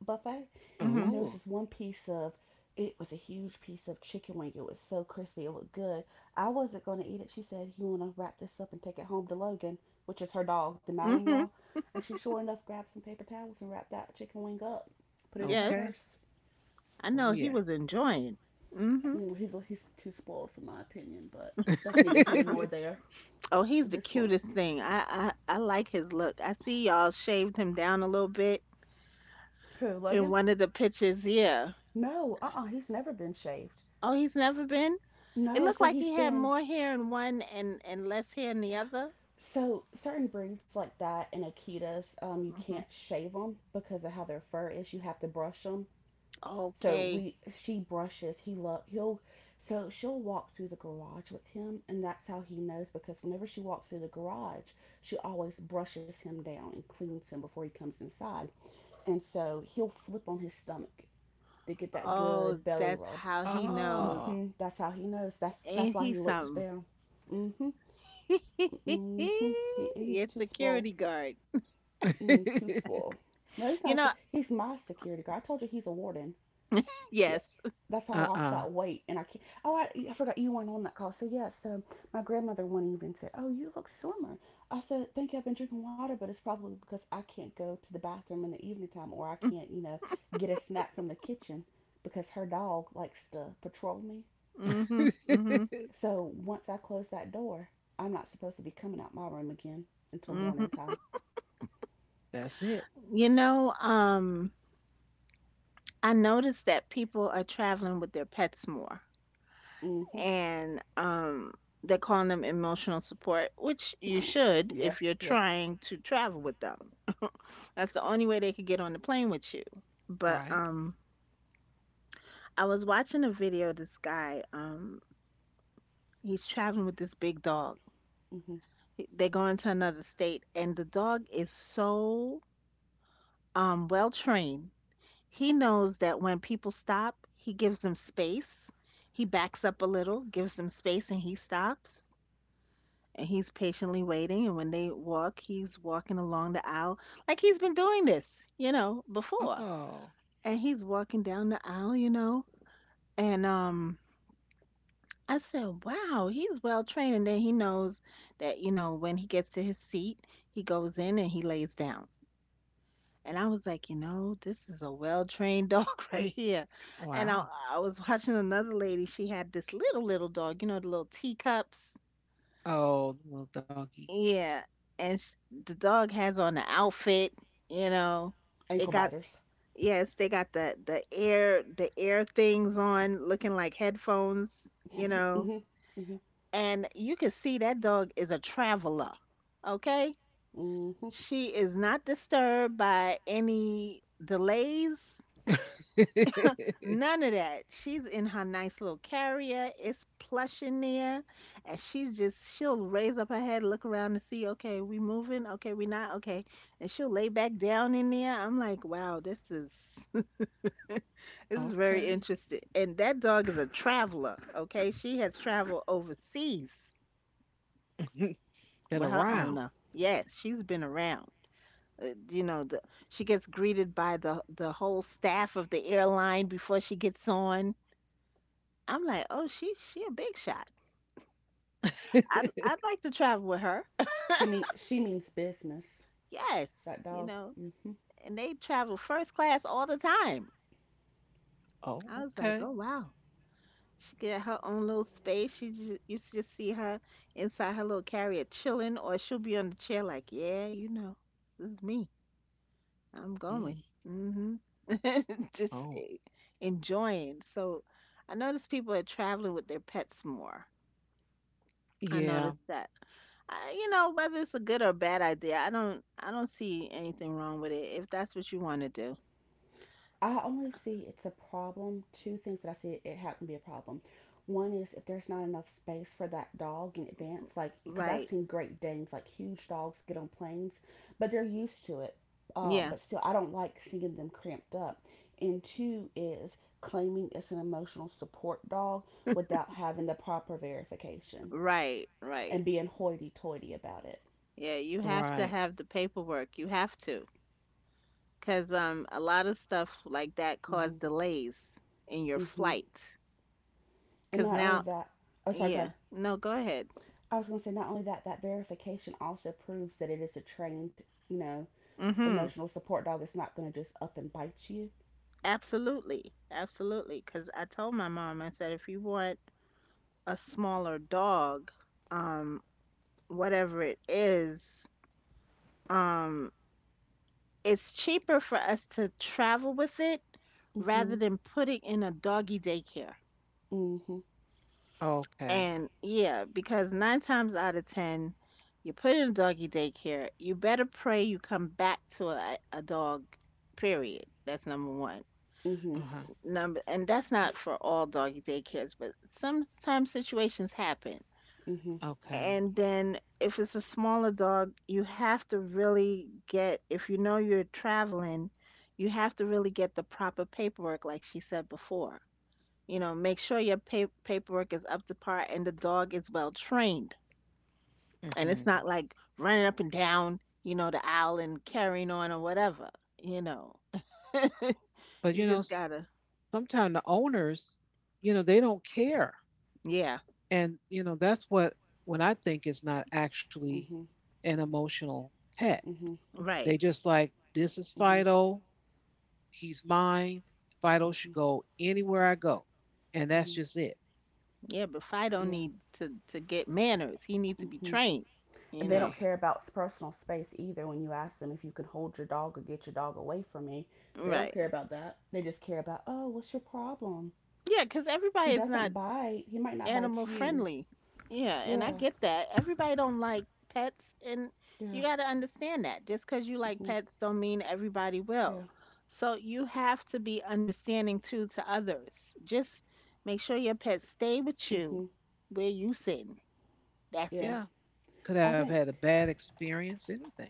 Speaker 3: buffet.
Speaker 2: Mhm.
Speaker 3: And there was
Speaker 1: Oh,
Speaker 3: this one piece of, it was a huge piece of chicken wing. It was so crispy, it looked good. I wasn't gonna eat it. She said, "You wanna wrap this up and take it home to Logan," which is her dog, the Malinois.
Speaker 2: Mhm.
Speaker 3: And she sure enough grabbed some paper towels and wrapped that chicken wing up, put it in her
Speaker 2: Yes,
Speaker 1: okay.
Speaker 3: purse.
Speaker 2: I
Speaker 1: Oh,
Speaker 2: know he
Speaker 1: yeah.
Speaker 2: was enjoying. Mhm.
Speaker 3: Mm, he's too spoiled for my opinion, but that's neither here
Speaker 1: *laughs*
Speaker 3: nor there
Speaker 2: Oh, he's
Speaker 3: at
Speaker 2: the
Speaker 3: this point.
Speaker 2: cutest thing. I like his look. I see y'all shaved him down a little bit
Speaker 3: Who,
Speaker 2: in
Speaker 3: Logan?
Speaker 2: one of the pictures. Yeah.
Speaker 3: No, he's never been shaved.
Speaker 2: Oh, he's never been? It
Speaker 3: No,
Speaker 2: looked
Speaker 3: so
Speaker 2: like
Speaker 3: he's
Speaker 2: he had
Speaker 3: been
Speaker 2: more hair in one and less hair in the
Speaker 3: yeah.
Speaker 2: other.
Speaker 3: So certain breeds like that and Akitas, you
Speaker 2: hmm
Speaker 3: can't shave them because of how their fur is. You have to brush them. So
Speaker 2: Okay.
Speaker 3: we, she brushes. He love he'll. So she'll walk through the garage with him, and that's how he knows, because whenever she walks through the garage, she always brushes him down and cleans him before he comes inside. And so he'll flip on his stomach to get that
Speaker 2: Oh,
Speaker 3: good belly
Speaker 2: that's
Speaker 3: rub.
Speaker 2: how he
Speaker 1: Oh.
Speaker 2: knows.
Speaker 3: That's how he knows. That's
Speaker 2: Ain't
Speaker 3: why
Speaker 2: he
Speaker 3: he looked
Speaker 2: something?
Speaker 3: down. hmm
Speaker 2: *laughs*
Speaker 3: hmm He, he's
Speaker 2: It's
Speaker 3: too
Speaker 2: security
Speaker 3: spoiled.
Speaker 2: guard.
Speaker 3: Mm, too
Speaker 1: *laughs*
Speaker 3: spoiled. No, he's
Speaker 2: You
Speaker 3: not.
Speaker 2: know,
Speaker 3: He's my security guard. I told you, he's a warden. Yeah,
Speaker 2: yes.
Speaker 3: that's how I lost
Speaker 1: Uh-uh.
Speaker 3: that weight, and I can't. Oh, I forgot you weren't on that call. So yes, yeah, so my grandmother one evening said, "Oh, you look slimmer." I said, "Thank you. I've been drinking water, but it's probably because I can't go to the bathroom in the evening time, or I can't, you know, get a snack from the kitchen, because her dog likes to patrol me.
Speaker 2: Mm-hmm. Mm-hmm.
Speaker 1: *laughs*
Speaker 3: So once I close that door, I'm not supposed to be coming out my room again until
Speaker 2: Mm-hmm.
Speaker 3: morning time."
Speaker 1: That's it.
Speaker 2: You know, I noticed that people are traveling with their pets more,
Speaker 3: hmm
Speaker 2: and they're calling them emotional support, which you should
Speaker 3: Yeah,
Speaker 2: if you're
Speaker 3: yeah.
Speaker 2: trying to travel with them. That's the only way they could get on the plane with you.
Speaker 1: All
Speaker 2: But
Speaker 1: right.
Speaker 2: I was watching a video of this guy, he's traveling with this big dog.
Speaker 3: hmm
Speaker 2: They're going to another state, and the dog is so well trained. He knows that when people stop, he gives them space. He backs up a little, gives them space, and he stops. And he's patiently waiting. And when they walk, he's walking along the aisle like he's been doing this, you know, before.
Speaker 1: Oh,
Speaker 2: And he's walking down the aisle, you know. And I said, "Wow, he's well trained." And then he knows that, you know, when he gets to his seat, he goes in and he lays down. And I was like, you know, this is a well-trained dog *laughs* right here. And I,
Speaker 1: wow.
Speaker 2: I was watching another lady. She had this little little dog, you know, the little teacups.
Speaker 1: Oh, the little doggies.
Speaker 2: Yeah, and sh the dog has on the outfit. You know, it
Speaker 3: Ankle
Speaker 1: Mhm.
Speaker 2: got,
Speaker 3: biters.
Speaker 2: yes, they got the air, the air things on, looking like headphones. You
Speaker 3: *laughs*
Speaker 2: know,
Speaker 3: hmm hmm
Speaker 2: and you can see that dog is a traveler. Okay?
Speaker 3: hmm
Speaker 2: She is not disturbed by any delays,
Speaker 1: *laughs*
Speaker 2: none of that. She's in her nice little carrier. It's plush in there, and she's just, she'll raise up her head, look around to see, okay, we moving, okay, we not, okay, and she'll lay back down in there. I'm like, wow, this is *laughs* this is very
Speaker 1: Okay.
Speaker 2: interesting. And that dog is a traveler. Okay, she has traveled overseas
Speaker 1: *laughs* Been
Speaker 2: with her
Speaker 1: around.
Speaker 2: owner. Yes, she's been around. You know, the she gets greeted by the whole staff of the airline before she gets on. I'm like, oh, she a big shot.
Speaker 1: *laughs*
Speaker 2: I'd like to travel with her.
Speaker 3: She mean she means business.
Speaker 2: *laughs* Yes,
Speaker 3: That
Speaker 2: you
Speaker 3: dog.
Speaker 2: know,
Speaker 3: Mm-hmm.
Speaker 2: and they travel first class all the time.
Speaker 1: Oh,
Speaker 2: I was like,
Speaker 1: okay.
Speaker 2: oh wow. She get her own little space. You just see her inside her little carrier chilling, or she'll be on the chair like, yeah, you know, this is me, I'm
Speaker 1: Mm.
Speaker 2: going. *laughs* Just
Speaker 1: Oh.
Speaker 2: enjoying. So I notice people are traveling with their pets more. I
Speaker 1: Yeah,
Speaker 2: noticed that. I, you know, whether it's a good or bad idea, I don't, I don't see anything wrong with it if that's what you want to do.
Speaker 3: I only see it's a problem. Two things that I see it, happen to be a problem. One is if there's not enough space for that dog in advance, like because I've
Speaker 2: Right.
Speaker 3: seen Great Danes, like huge dogs, get on planes, but they're used to it.
Speaker 2: Yeah.
Speaker 3: But still, I don't like seeing them cramped up. And two is claiming it's an emotional support dog without having the proper verification
Speaker 2: Right. Right.
Speaker 3: and being hoity-toity about it.
Speaker 2: Yeah, you have
Speaker 1: right.
Speaker 2: to have the paperwork. You have to. 'Cause a lot of stuff like that cause
Speaker 3: hmm
Speaker 2: delays in your
Speaker 3: hmm
Speaker 2: flight.
Speaker 3: And
Speaker 2: 'Cause
Speaker 3: not only
Speaker 2: now,
Speaker 3: that, oh sorry, go
Speaker 2: yeah.
Speaker 3: ahead.
Speaker 2: No, go ahead.
Speaker 3: I was going to say, not only that verification also proves that it is a trained, you know,
Speaker 2: Mhm.
Speaker 3: emotional support dog that's not going to just up and bite you.
Speaker 2: Absolutely, absolutely. Because I told my mom, I said, if you want a smaller dog, um, whatever it is, um, it's cheaper for us to travel with it rather
Speaker 3: Mhm.
Speaker 2: than put it in a doggy daycare.
Speaker 3: Mhm.
Speaker 1: Okay.
Speaker 2: And yeah, because nine times out of ten, you put in a doggy daycare, you better pray you come back to a dog, period. That's number one.
Speaker 3: Mhm.
Speaker 1: Uh-huh.
Speaker 2: Number, and that's not for all doggy daycares, but sometimes situations happen.
Speaker 3: Mhm.
Speaker 1: Okay.
Speaker 2: And then if it's a smaller dog, you have to really get, if you know you're traveling, you have to really get the proper paperwork like she said before. You know, make sure your paperwork is up to par and the dog is well trained, and
Speaker 1: Hmm.
Speaker 2: it's not like running up and down, you know, the aisle and carrying on or whatever, you know. *laughs*
Speaker 1: But
Speaker 2: You
Speaker 1: you know,
Speaker 2: just gotta,
Speaker 1: sometimes the owners, you know, they don't care.
Speaker 2: yeah,
Speaker 1: And you know, that's what I think is not actually
Speaker 3: Mhm.
Speaker 1: an emotional pet.
Speaker 3: Mhm.
Speaker 2: right.
Speaker 1: They just like, this is
Speaker 3: Mhm.
Speaker 1: Fido, he's mine. Fido should
Speaker 3: Mhm.
Speaker 1: go anywhere I go. And that's
Speaker 3: Mhm.
Speaker 1: just it.
Speaker 2: Yeah, but Fido
Speaker 3: Yeah.
Speaker 2: need to get manners. He needs to be
Speaker 3: Mhm.
Speaker 2: trained. You
Speaker 3: And they
Speaker 1: Hey,
Speaker 2: know.
Speaker 3: don't care about personal space either, when you ask them if you can hold your dog or get your dog away from me. They don't
Speaker 2: Right.
Speaker 3: care about that. They just care about, "Oh, what's your problem?
Speaker 2: Yeah, because
Speaker 3: He
Speaker 2: everybody is not
Speaker 3: doesn't bite. He might not bite
Speaker 2: animal
Speaker 3: you."
Speaker 2: friendly. Yeah, and I
Speaker 3: Yeah.
Speaker 2: get that. Everybody don't like pets, and you
Speaker 3: Yeah.
Speaker 2: got to understand that. Just because you like
Speaker 3: Mhm.
Speaker 2: pets, don't mean everybody will.
Speaker 3: Yeah.
Speaker 2: So you have to be understanding too to others. Just make sure your pets stay with you,
Speaker 3: Mhm.
Speaker 2: where you sitting. That's
Speaker 3: Yeah.
Speaker 2: it.
Speaker 1: yeah, could
Speaker 3: I
Speaker 1: have had
Speaker 3: think
Speaker 1: a bad experience, anything.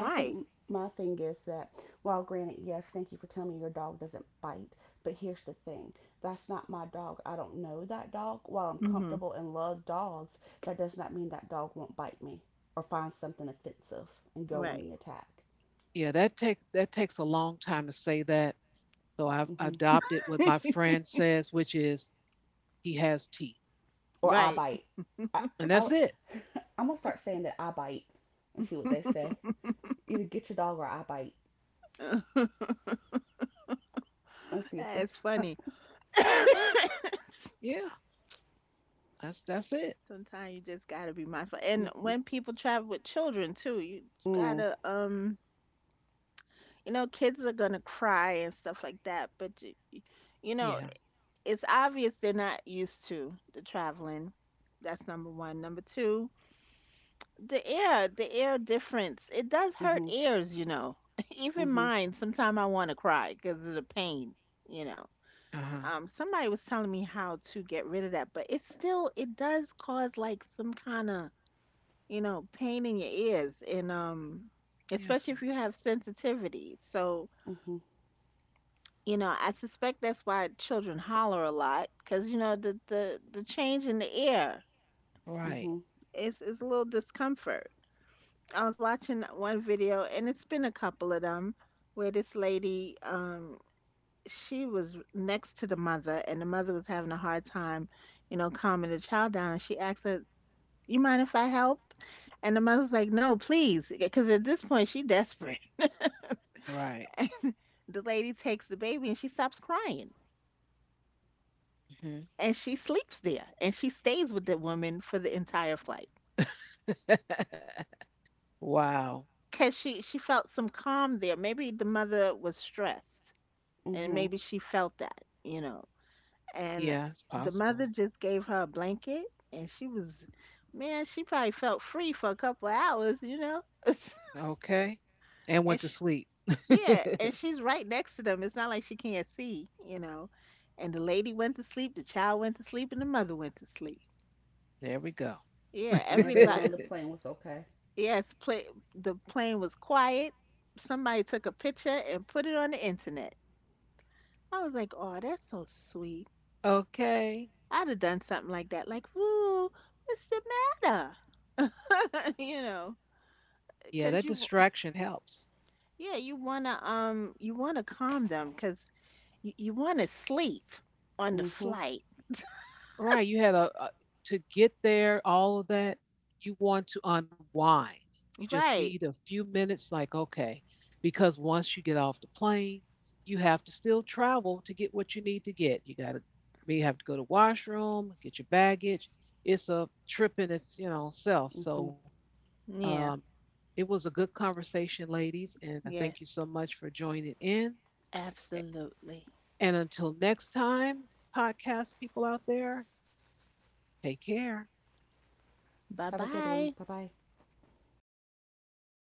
Speaker 3: I think my thing is that, while granted, yes, thank you for telling me your dog doesn't bite, but here's the thing. That's not my dog. I don't know that dog. While I'm
Speaker 2: Mhm.
Speaker 3: comfortable and love dogs, that does not mean that dog won't bite me or find something offensive and go on the
Speaker 2: Right.
Speaker 3: attack.
Speaker 1: Yeah, that takes a long time to say that. So I've
Speaker 3: hmm
Speaker 1: adopted what my
Speaker 2: *laughs*
Speaker 1: friend says, which is he has teeth,
Speaker 3: Or I
Speaker 2: Right.
Speaker 3: bite. I,
Speaker 1: and
Speaker 3: I,
Speaker 1: that's it.
Speaker 3: *laughs* I'm gonna start saying that I bite and see what they
Speaker 2: *laughs*
Speaker 3: say. Either get your dog or I bite. Let's see if this.
Speaker 2: That's
Speaker 3: *laughs*
Speaker 2: funny. *laughs*
Speaker 1: Yeah, that's it.
Speaker 2: Sometimes you just gotta be mindful. And
Speaker 3: Mm-hmm.
Speaker 2: when people travel with children too, you
Speaker 3: Mm,
Speaker 2: gotta you know, kids are gonna cry and stuff like that, but you, you know,
Speaker 1: Yeah.
Speaker 2: it's obvious they're not used to the traveling. That's number one. Number two, the air difference. It does hurt
Speaker 3: hmm
Speaker 2: ears, you know. *laughs* Even
Speaker 3: hmm
Speaker 2: mine, sometimes I want to cry because of the pain, you know.
Speaker 1: Uh huh.
Speaker 2: Somebody was telling me how to get rid of that, but it still, it does cause like some kind of, you know, pain in your ears and
Speaker 1: Yes.
Speaker 2: especially if you have sensitivity. So,
Speaker 3: hmm
Speaker 2: you know, I suspect that's why children holler a lot, cuz you know the, the change in the ear
Speaker 1: Right.
Speaker 3: hmm
Speaker 2: is a little discomfort. I was watching one video, and it's been a couple of them, where this lady, she was next to the mother, and the mother was having a hard time, you know, calming the child down. She asked her, "You mind if I help?" And the mother's like, "No, please," because at this point she desperate.
Speaker 1: Right.
Speaker 2: The lady takes the baby and she stops crying,
Speaker 1: Hmm.
Speaker 2: and she sleeps there, and she stays with the woman for the entire flight
Speaker 1: *laughs* Wow.
Speaker 2: because she felt some calm there. Maybe the mother was stressed and
Speaker 3: hmm
Speaker 2: maybe she felt that, you know. And
Speaker 1: Yeah, it's
Speaker 2: the mother
Speaker 1: possible.
Speaker 2: just gave her a blanket, and she was, man, she probably felt free for a couple of hours, you know. *laughs*
Speaker 1: Okay. And
Speaker 2: And
Speaker 1: went to
Speaker 2: sh
Speaker 1: sleep. *laughs*
Speaker 2: yeah,
Speaker 1: There
Speaker 2: and she's right next to them, it's not like she can't see, you know. And the lady went to sleep, the child went to sleep, and the mother went to sleep.
Speaker 1: we go.
Speaker 2: Yeah,
Speaker 3: And everyone
Speaker 2: everybody.
Speaker 3: on the
Speaker 1: *laughs*
Speaker 3: plane was okay.
Speaker 2: Yes, the plane was quiet. Somebody took a picture and put it on the internet. I was like, oh, that's so sweet.
Speaker 1: Okay.
Speaker 2: I'd have done something like that, like, woo, what's the matter? *laughs* You know,
Speaker 1: Yeah,
Speaker 2: because
Speaker 1: that distraction helps.
Speaker 2: yeah, you wanna calm them, because you wanna sleep on the
Speaker 3: Mm-hmm.
Speaker 2: flight,
Speaker 1: Right, you had a To get there, all of that, you want to unwind. You just need
Speaker 2: right?
Speaker 1: a few minutes like okay, because once you get off the plane, you have to still travel to get what you need to get. You got to may have to go to washroom, get your baggage. It's a trip in its, you know, self.
Speaker 3: Mm-hmm.
Speaker 1: So, um
Speaker 2: Yeah,
Speaker 1: it was a good conversation, ladies, and I thank you
Speaker 2: yes,
Speaker 1: so much for joining in.
Speaker 2: absolutely.
Speaker 1: And until next time, podcast people out there, take care.
Speaker 2: Bye
Speaker 3: Have a good
Speaker 2: bye.
Speaker 3: one. Bye bye.